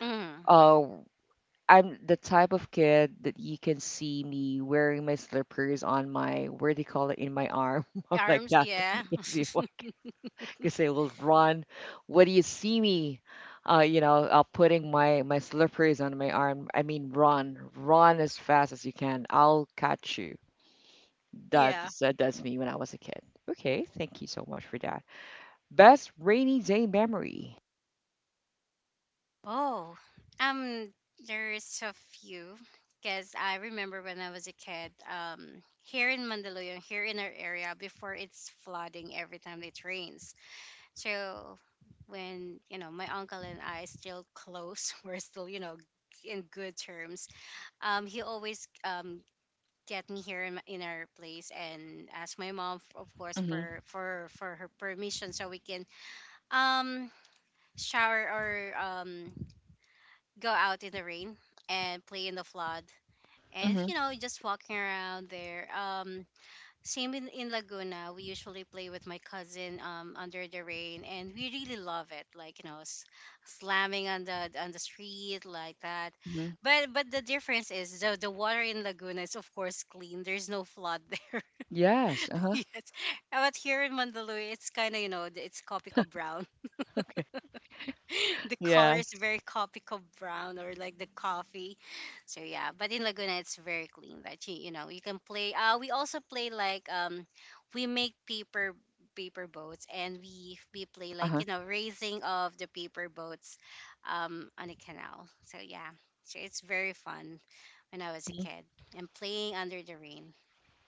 Hmm.
uh I'm the type of kid that you can see me wearing my slippers on my, where do you call it, in my arm. I'm like
Arms,
that.
yeah.
Yes, you, because I will run. What do you see me? Uh, you know, uh, putting my my slippers on my arm. I mean, run, run as fast as you can. I'll catch you.
Yeah.
That's uh, that's me when I was a kid. Okay, thank you so much for that. Best rainy day memory.
Oh, um, there's a few because I remember when I was a kid, um, here in Mandaluyong, here in our area, before it's flooding every time it rains. So when, you know, my uncle and I still close, we're still, you know, in good terms. Um, he always um get me here in, my- in our place and ask my mom f- of course
Mm-hmm.
for for for her permission so we can um shower or um go out in the rain and play in the flood, and
Mm-hmm.
you know, just walking around there. Um same in, in Laguna we usually play with my cousin um under the rain and we really love it, like, you know, s- slamming on the on the street like that.
Mm-hmm.
But but the difference is the the water in Laguna is of course clean. There's no flood there
Yes. Uh-huh.
yet. But here in Mandaluyong it's kind of, you know, it's copico brown.
Okay.
The color is
Yes.
very copico brown or like the coffee. So yeah, but in Laguna it's very clean. That you you know, you can play. Uh, we also play like, um, we make paper paper boats and we we play
Uh-huh.
like, you know, raising of the paper boats, um, on a canal. So yeah, so it's very fun when I was a kid and playing under the rain.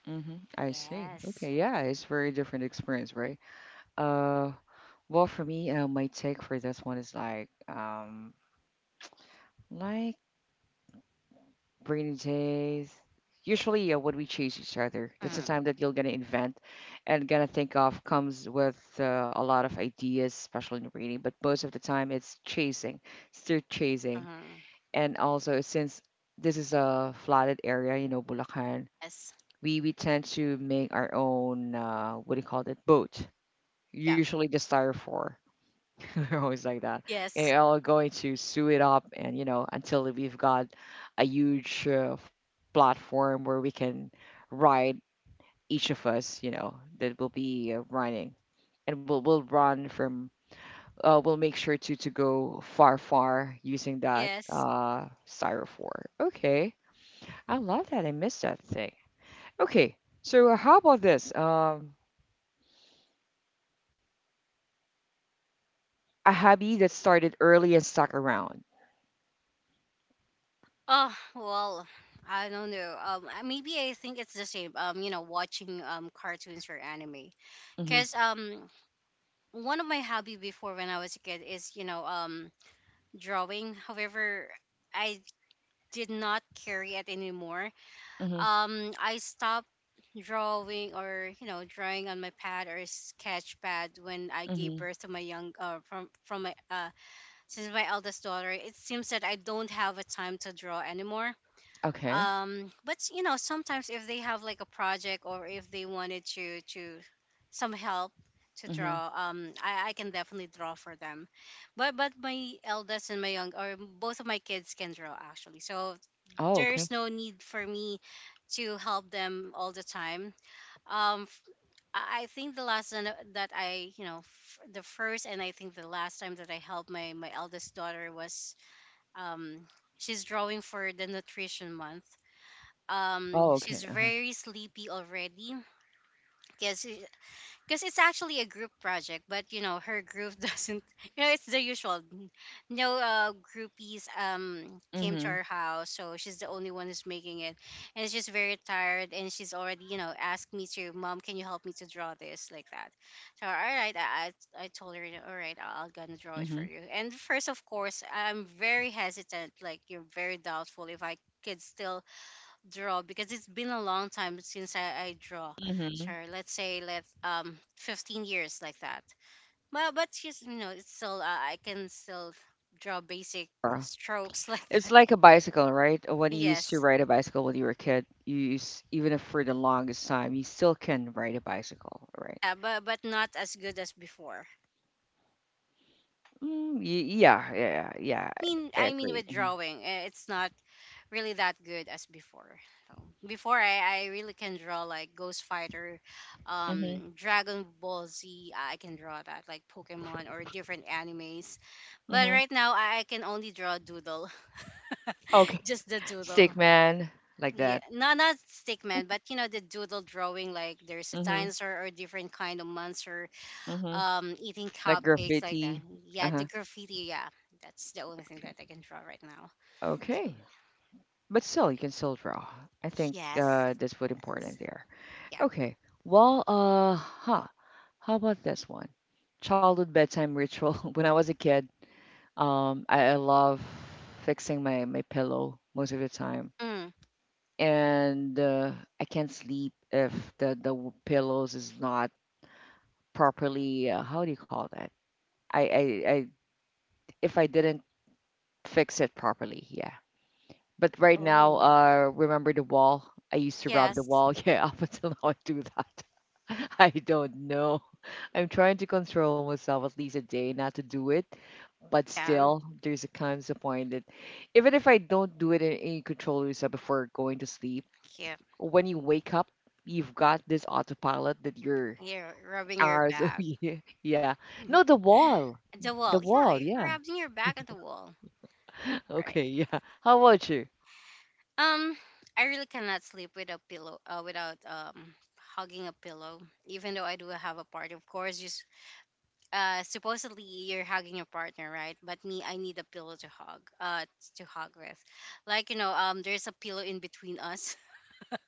Mm-hmm. I see.
Yes.
Okay. Yeah, it's very different experience, right? Uh, well, for me, uh, my take for this one is like, um, like rainy days. Usually, uh, when we chase each other, that's the
Mm.
time that you're gonna invent and gonna think of comes with uh, a lot of ideas, especially in reading. But most of the time, it's chasing, still chasing,
Uh-huh.
and also since this is a flooded area, you know, Bulacan,
Yes.
we we tend to make our own uh, what do you call it, boat.
Yeah.
Usually the styrofoam. We're always like that. And
Yes.
are all going to sue it up, and you know, until we've got a huge uh, f- platform where we can ride each of us, you know, that will be uh, running, and we'll we'll run from. Uh, we'll make sure to to go far, far using that
Yes.
uh, styrofoam. Okay, I love that. I miss that thing. Okay, so uh, how about this? Um, a hobby that started early and stuck around.
Oh well, I don't know. Um, I- maybe I think it's the same. Um, you know, watching um cartoons or anime,
Mm-hmm.
because um one of my hobby before when I was a kid is, you know, um drawing. However, I did not carry it anymore.
Mm-hmm.
Um, I stopped drawing or, you know, drawing on my pad or sketch pad when I gave
Mm-hmm.
birth to my young uh from from my uh since my eldest daughter. It seems that I don't have a time to draw anymore,
Okay.
um but you know sometimes if they have like a project or if they wanted to to some help to draw, um I, I can definitely draw for them, but but my eldest and my young or both of my kids can draw actually, so
Oh, okay.
there's no need for me to help them all the time. Um f- i I think the last time that i you know f- the first and I think the last time that I helped my my eldest daughter was, um she's drawing for the nutrition month. Um
Oh, okay.
she's
Uh-huh.
very sleepy already because because it's actually a group project, but you know her group doesn't, you know, it's the usual. No, uh, groupies um came to
Mhm.
our house, so she's the only one who's making it, and she's very tired and she's already, you know, asked me to, mom, can you help me to draw this like that. So all right, i i, I told her, all right, i'll I'll gonna draw it for
Mhm.
you. And first, of course, I'm very hesitant, like you're very doubtful if I could still draw because it's been a long time since I, I draw.
Mhm.
Sure, let's say let um fifteen years like that. Well, but she's you know it's still uh, I can still draw basic
Uh,
strokes like
it's
that.
like a bicycle, right? Uh, when you used to
Yes,
ride a bicycle when you were a kid, you used, even if for the longest time, you still can ride a bicycle, right?
yeah, but but not as good as before.
Mm, y- yeah, yeah, yeah.
I mean
I
I mean
agree.
with
Mhm.
drawing, eh, it's not really that good as before. So before I, I really can draw like Ghost Fighter,
Mhm.
um, Dragon Ball Z. I can draw that like Pokemon or different animes, but
Mhm.
right now I, I can only draw doodle,
Okay.
just the
Stick
doodle.
man, like
Yeah,
that.
not not stickman, but you know the doodle drawing like there's a
Mhm.
dinosaur or different kind of monster,
Mhm.
um, eating
Like
cupcakes like that.
graffiti.
Yeah,
Uh-huh.
the graffiti. Yeah, that's the only thing
Okay.
that I can draw right now. So
Okay. But still, you can still draw. I think
yes,
uh, that's what
yes,
important there.
yeah.
Okay. Well, uh, huh. How about this one? Childhood bedtime ritual. When I was a kid, um, I, I love fixing my, my pillow most of the time.
Mm.
And uh, I can't sleep if the, the w- pillows is not properly, uh, how do you call that? I, I, I, if I didn't fix it properly, yeah. But right now,
Oh,
uh, remember the wall? I used to rub the
yes.
wall. Yeah, up until now, I do that. I don't know. I'm trying to control myself at least a day not to do it, but
Yeah.
still there's a comes a point that even if I don't do it in any, you control yourself before going to sleep,
Yeah.
when you wake up, you've got this autopilot that your
You're rubbing your
hours. Oh,
back.
yeah, yeah. No, the wall,
The
the
wall. Yeah,
wall.
you're
Yeah.
rubbing your back on the wall. All right.
Okay. Yeah. How about you?
Um, I really cannot sleep with a pillow, uh, without um hugging a pillow. Even though I do have a partner, of course, just uh supposedly you're hugging your partner, right? But me, I need a pillow to hug. Uh, to hug with. Like you know, um, there's a pillow in between us.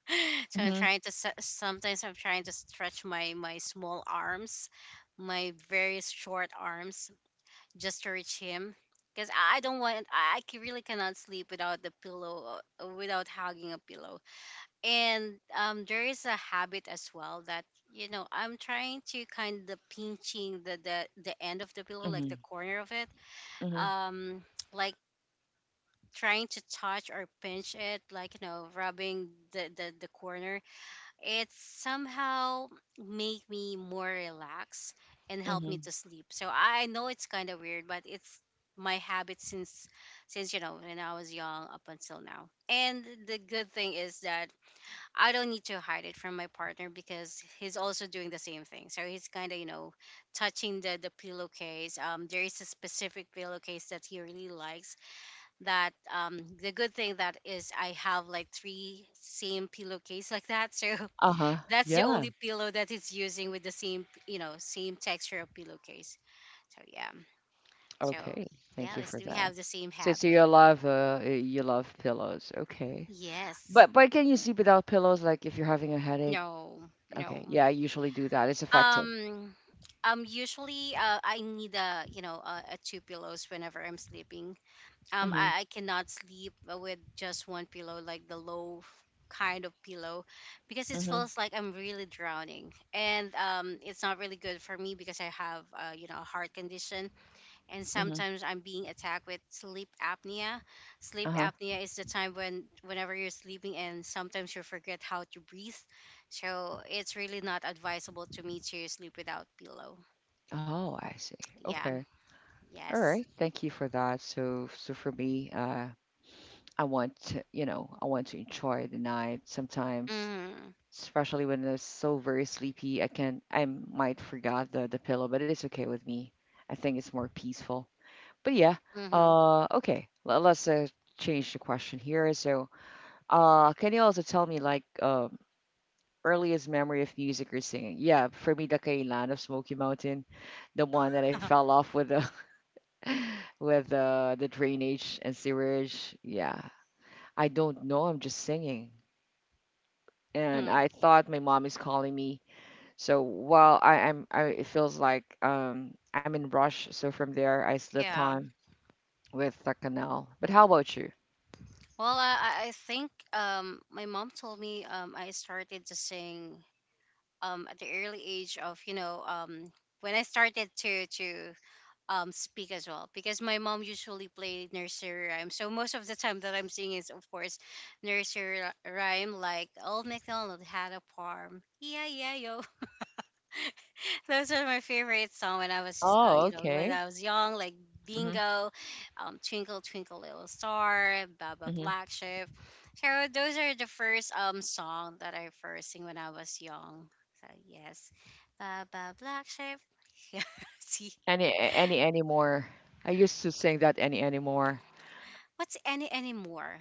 So I'm
Mhm.
trying to se- sometimes I'm trying to stretch my my small arms, my very short arms, just to reach him. Because I I don't want, I I ca- really cannot sleep without the pillow, uh, without hugging a pillow. And um, there is a habit as well that you know I'm trying to kind of pinching the the the end of the pillow like
Mhm.
the corner of it.
Mhm.
Um, like trying to touch or pinch it like you know rubbing the the, the corner. It somehow made me more relaxed and helped me
Mhm.
to sleep. So I know it's kind of weird, but it's my habit since since you know when I was young up until now. And the good thing is that I don't need to hide it from my partner because he's also doing the same thing. So he's kind of you know touching the the pillowcase. Um, there is a specific pillowcase that he really likes. That um, the good thing that is I have like three same pillowcase like that. So
Uh huh.
that's the
Yeah.
only pillow that it's using with the same, you know, same texture of pillowcase. So yeah. So
Okay.
yeah,
Thank you for
we we
that.
have the same
So, so
habit.
you love uh, you love pillows. Okay.
Yes.
But but can you sleep without pillows? Like if you're having a headache,
No.
okay.
No.
Yeah, I usually do that. It's effective.
Um. Um. Usually, uh, I need a you know a, a two pillows whenever I'm sleeping. Um.
Mhm.
I, I cannot sleep with just one pillow, like the low f- kind of pillow, because it
Mhm.
feels like I'm really drowning, and um, it's not really good for me because I have uh, you know a heart condition, and
Mhm.
sometimes I'm being attacked with sleep apnea. Sleep
Uh-huh.
apnea is the time when whenever you're sleeping and sometimes you forget how to breathe. So it's really not advisable to me to sleep without pillow.
Oh, I see.
Yeah.
Okay. All
Yes.
right. Thank you for that. So, so for me, uh, I want to, you know, I want to enjoy the night sometimes,
Mhm.
especially when I'm so very sleepy. I can, I might forget the the pillow, but it's okay with me. I think it's more peaceful. But yeah.
Mhm.
Uh, okay. Let, let's uh, change the question here. So, uh, can you also tell me like, um, earliest memory of music or singing. Yeah, for me, the Kailan of Smoky Mountain, the one that I fell off with the with the the drainage and sewerage. Yeah, I don't know. I'm just singing, and
Hmm.
I thought my mom is calling me. So while I am, I, it feels like um I'm in rush. So from there, I slipped
Yeah.
on with the canal. But how about you?
Well, I, I I think um, my mom told me um, I started to sing um, at the early age of, you know, um, when I started to to um speak as well, because my mom usually played nursery rhyme, so most of the time that I'm singing is of course nursery ry- rhyme, like Old MacDonald Had a Farm, yeah yeah yo. Those are my favorite song when I was uh,
Oh,
you know when
okay.
I was young, like
Mhm.
Bingo, um, Twinkle Twinkle Little Star, Baba
Mhm.
Black Sheep. So those are the first um song that I first sing when I was young. So yes, Baba Black Sheep. Yeah. See,
Any any anymore? I used to sing that any anymore.
what's any anymore?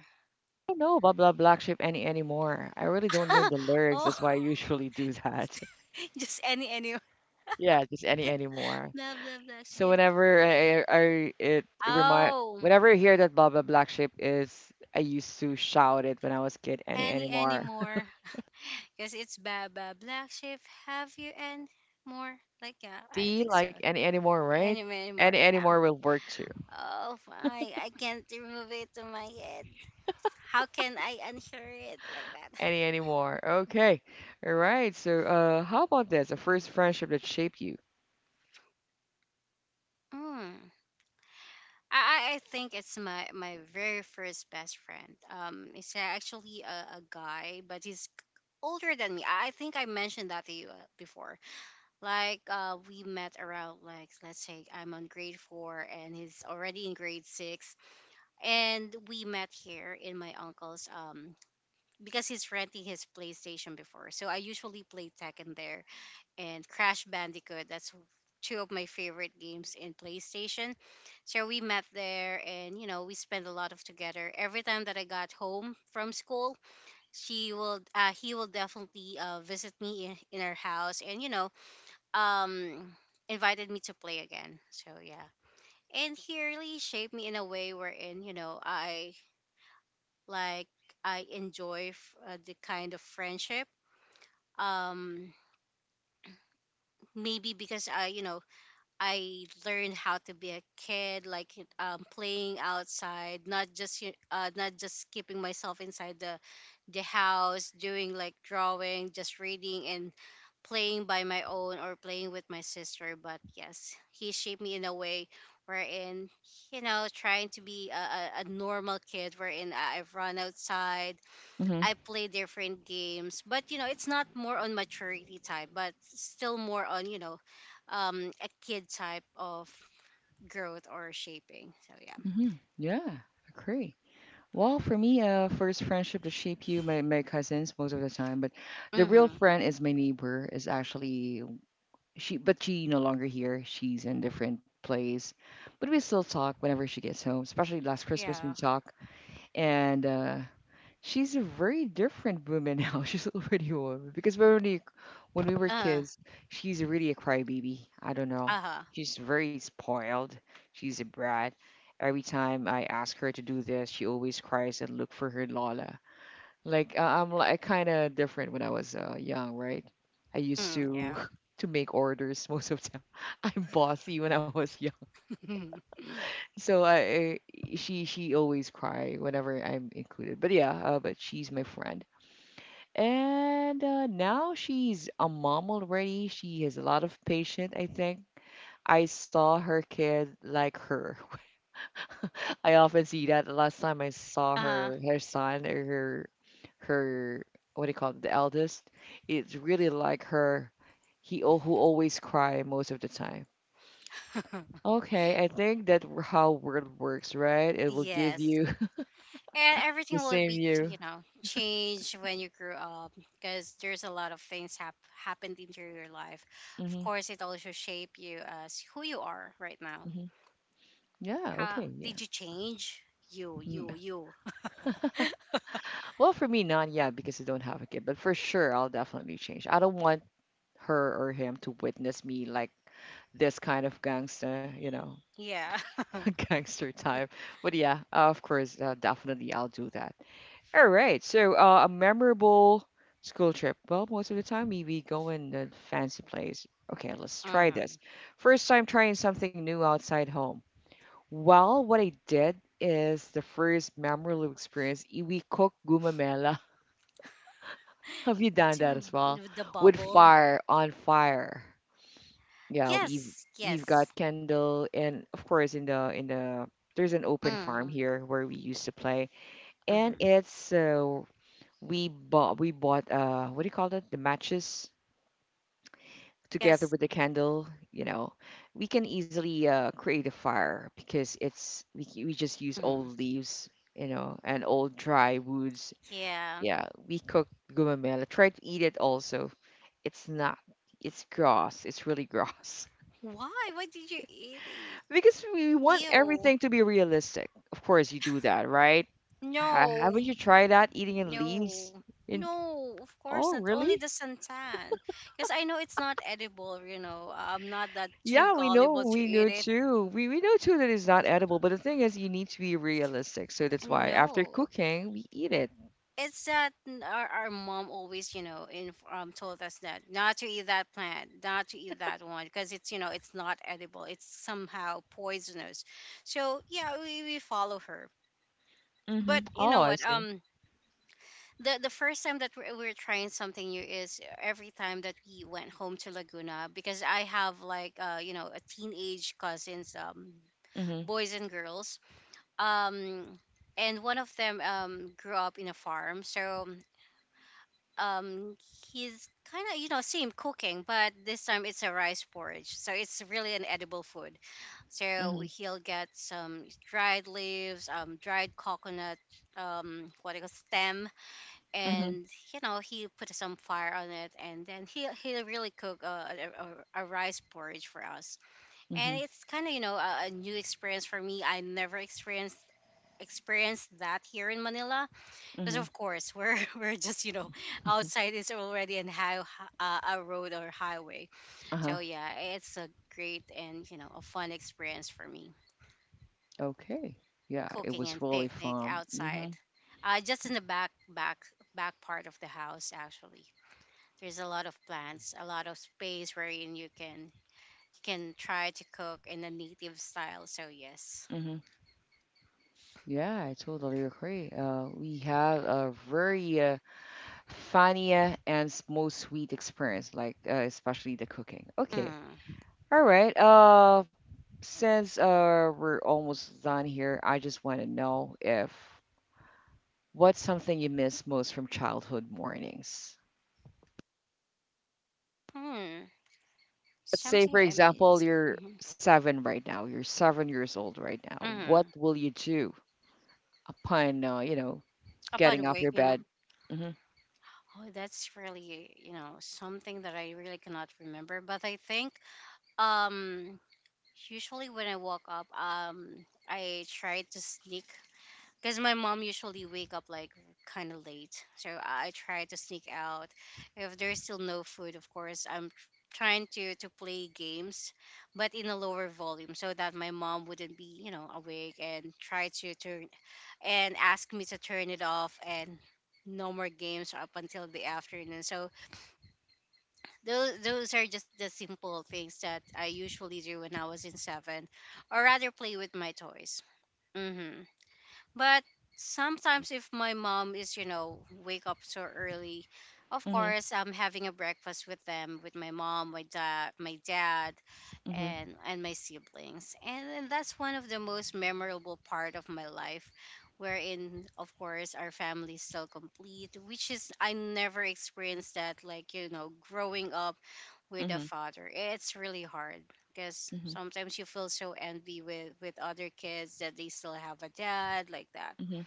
Don't know about Blah Black Sheep any anymore. I really don't know the lyrics.
Oh,
That's why I usually do that.
just any any
Yeah, just any anymore.
blah blah black
So
sheep.
whenever I, I it, it remind
Oh,
whenever I hear that Blah Blah Black Sheep is, I used to shout it when I was kid. Any
any any
anymore.
more? Because it's blah blah black sheep. Have you any more? Like yeah, I
D
think so.
like any anymore, right?
Any many more?
Any
Yeah.
anymore will work too.
Oh, fine. I can't remove it to my head. How can I unhear it like that?
Any anymore. Okay. All right. So uh, how about this? The first
Mhm.
friendship that shaped you.
Mm. I, I I think it's my, my very first best friend. Um, it's actually a, a guy, but he's older than me. I I think I mentioned that to you uh, before. Like uh, we met around like let's say I'm on grade four and he's already in grade six, and we met here in my uncle's um because he's renting his PlayStation before. So I usually play Tekken there and Crash Bandicoot. That's two of my favorite games in PlayStation. So we met there, and you know we spent a lot of together. Every time that I got home from school, she will uh, he will definitely uh, visit me in, in our house, and you know um invited me to play again. So yeah. And he really shaped me in a way wherein, you know, I like I enjoy f- uh, the kind of friendship. Um, maybe because I, you know, I learned how to be a kid, like um playing outside, not just y- uh not just keeping myself inside the the house, doing like drawing, just reading and playing by my own or playing with my sister. But yes, he shaped me in a way wherein, you know, trying to be a, a, a normal kid wherein I- I've run outside,
Mm-hmm.
I play different games. But, you know, it's not more on maturity type, but still more on, you know, um, a kid type of growth or shaping. So yeah.
Mm-hmm. Yeah. Agree. Well, for me, uh, first friendship to shape you, my, my cousins most of the time, but the real
Mm-hmm.
friend is my neighbor. Is actually she, but she no longer here. She's in different place, but we still talk whenever she gets home. Especially last Christmas, we
Yeah.
talk, and uh, she's a very different woman now. She's already a woman because when we when we were
Uh,
kids, she's really a crybaby. I don't know.
uh-huh.
She's very spoiled. She's a brat. Every time I ask her to do this, she always cries and look for her Lola. Like I- I'm like kind of different when I was uh, young, right? I used
Mm,
to to make orders most of the time. I'm bossy when I was young.
yeah.
So I, I she she always cry whenever I'm included. But yeah, uh, but she's my friend. And uh, now she's a mom already. She has a lot of patience, I think. I saw her kid like her. I often see that. The last time I saw her, her son or her, her what do you call it, the eldest, it's really like her. He al- who always cry most of the time.
Uh-huh.
Okay, I think that w- how word works, right? It will give
Yes,
you
and
the
everything will
same
be
you.
you know changed when you grew up because there's a lot of things hap- happened into your life. Of
Hmm.
course, it also shape you as who you are right now.
Hmm. Yeah.
How
Okay.
did
Yeah.
you change? You, you, you.
Well, for me, none, yet because I don't have a kid. But for sure, I'll definitely change. I don't want her or him to witness me like this kind of gangster, you know,
Yeah.
gangster type. But yeah, of course, uh, definitely I'll do that. All right. So, uh, a memorable school trip. Well, most of the time we, we go in the fancy place. Okay, let's try
Mm-hmm.
this. First time trying something new outside home. Well, what I did is the first memorable experience, i- we cooked gumamela. Have you done that as well?
The the
With
bubble.
fire on fire. Yeah, we
Yes,
we've got
yes.
candle and of course in the in the there's an open farm
Mm,
here where we used to play and
mm-hmm.
it's uh, we bought we bought uh what do you call that? The matches together
Yes.
with the candle, you know. We can easily uh create a fire because it's we we just use
Mm,
old leaves, you know, and old dry woods.
yeah.
Yeah, we cook gumamela. Try to eat it also. It's not. It's gross. It's really gross.
Why? Why did you eat it?
Because we want
Ew.
everything to be realistic. Of course, you do that, right? Ha,
No.
haven't you tried that eating in leaves?
No,
In,
no, of course
oh,
not. Only
really?
the santan, because I know it's not edible. You know, I'm not that too
Yeah, we know,
gullible
we
to
know
eat it.
too. We we know too that it's not edible, but the thing is, you need to be realistic. So that's why after
No,
cooking, we eat it.
it's that n- our, our mom always, you know, in, um, told us that not to eat that plant, not to eat that one, because it's, you know, it's not edible. It's somehow poisonous. So yeah, we, we follow her.
Mm-hmm.
But you
Oh,
know
I
what?
see.
Um, the the first time that we're, we're trying something new is every time that we went home to Laguna, because I have like uh you know a teenage cousins um
Mm-hmm.
boys and girls, um, and one of them um grew up in a farm, so um he's kind of you know same cooking, but this time it's a rice porridge, so it's really an edible food.
Mm-hmm.
So he'll get some dried leaves, um, dried coconut, um, what do you call stem,
Mm-hmm.
and you know he put some fire on it, and then he he really cooked a, a, a a rice porridge for us.
Mm-hmm.
And it's kind of you know a, a new experience for me. I never experienced experienced that here in Manila, because
Mm-hmm.
of course we're we're just you know outside is already an high uh, a road or highway.
Uh-huh.
So yeah, it's a great and you know a fun experience for me,
Okay. Yeah, it
cooking
was
and
really
picnic
fun. Mm-hmm.
outside, uh, just in the back back back part of the house actually. There's a lot of plants, a lot of space wherein you can you can try to cook in a native style. So yes.
Mm-hmm. Yeah, I totally agree. Uh, we have a very uh, funny uh, and s- most sweet experience, like uh, especially the cooking. Okay,
Hmm.
all right. Uh, since uh, we're almost done here, I just want to know if what's something you miss most from childhood mornings?
Hmm.
Let's say, for
Something I
example,
miss.
you're
Hmm.
seven right now. You're seven years old right now. What
Hmm.
will you do upon uh, you know getting
Upon
off your
waking up,
bed? Mm-hmm,
oh, that's really you know something that I really cannot remember. But I think um usually when I woke up, um I try to sneak because my mom usually wake up like kind of late, so I try to sneak out. If there's still no food, of course I'm tr- trying to to play games, but in a lower volume so that my mom wouldn't be you know awake and try to turn and ask me to turn it off, and no more games up until the afternoon. So those those are just the simple things that I usually do when I was in seven, or rather play with my toys. Hmm. But sometimes if my mom is, you know, wake up so early, of
mm-hmm,
course I'm having a breakfast with them, with my mom, my dad, my dad,
mm-hmm,
and and my siblings. And, and that's one of the most memorable part of my life wherein of course our family is still complete, which is I never experienced that, like you know growing up with a
mm-hmm,
father it's really hard, because
mm-hmm.
sometimes you feel so envy with with other kids that they still have a dad like that.
Hmm.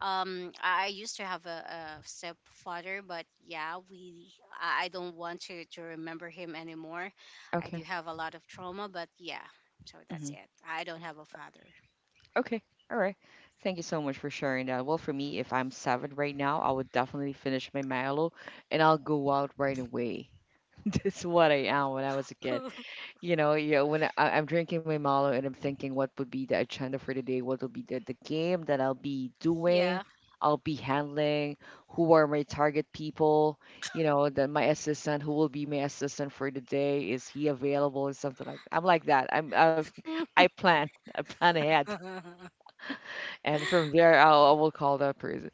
Um, i I used to have a, a stepfather, but yeah, we i I don't want to to remember him anymore. I do
Okay.
have a lot of trauma, but yeah, so
Hmm.
that's it, I don't have a father.
Okay. All right. Thank you so much for sharing that. Well, for me, if I'm seven right now, I would definitely finish my Milo and I'll go out right away. That's what I am when I was a kid. You know, yeah, when I, I'm drinking my Malo and I'm thinking what would be the agenda for the day, what will be the, the game that I'll be doing,
Yeah.
I'll be handling, who are my target people, you know, then my assistant, who will be my assistant for the day, is he available or something like that. I'm like that. I'm I've, I plan, I plan ahead,
Hmm.
and from there I'll, I will call that person.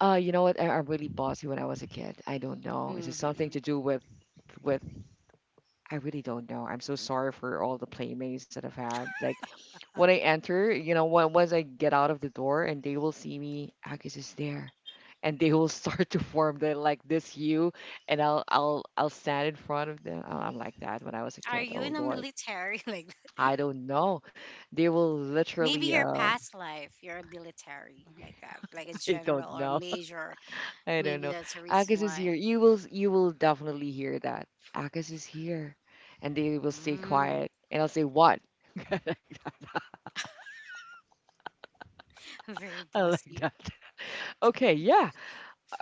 Uh, you know what? I, I'm really bossy when I was a kid. I don't know. Is it something to do with with I really don't know. I'm so sorry for all the playmates that I've had. Like when I enter, you know, when, once I get out of the door and they will see me, Agus is there, and they will start to form the like this hue, and I'll I'll I'll stand in front of them. I- I'm like that when I was a
Are
kid.
you
Oh
in a
Lord,
military like that?
I don't know. They will
Maybe
literally.
your
Uh,
past life you're a military like that, like a
I don't
general or
know.
major.
I don't
Maybe
know.
that's the reason
Agus is
why.
here. You will you will definitely hear that. Agus is here, and they will stay
Mm.
quiet, and I'll say what.
Very
I like
bossy.
that. Okay, yeah.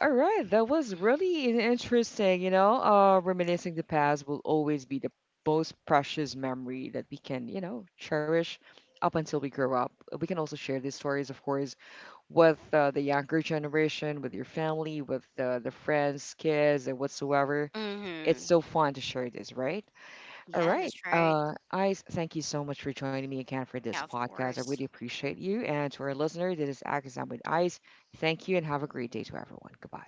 All right, that was really in- interesting. You know, uh, reminiscing the past will always be the most precious memory that we can, you know, cherish up until we grow up. We can also share these stories, of course, with uh, the younger generation, with your family, with uh, the friends, kids, and whatsoever. It's
Hmm.
so fun to share this, right? All
Yeah,
right.
that's right.
Uh, I s- thank you so much for joining me again for this
Yeah, of
podcast. I really
course.
appreciate you. And to our listener, this is Akazam with Ice. Thank you and have a great day to everyone. Goodbye.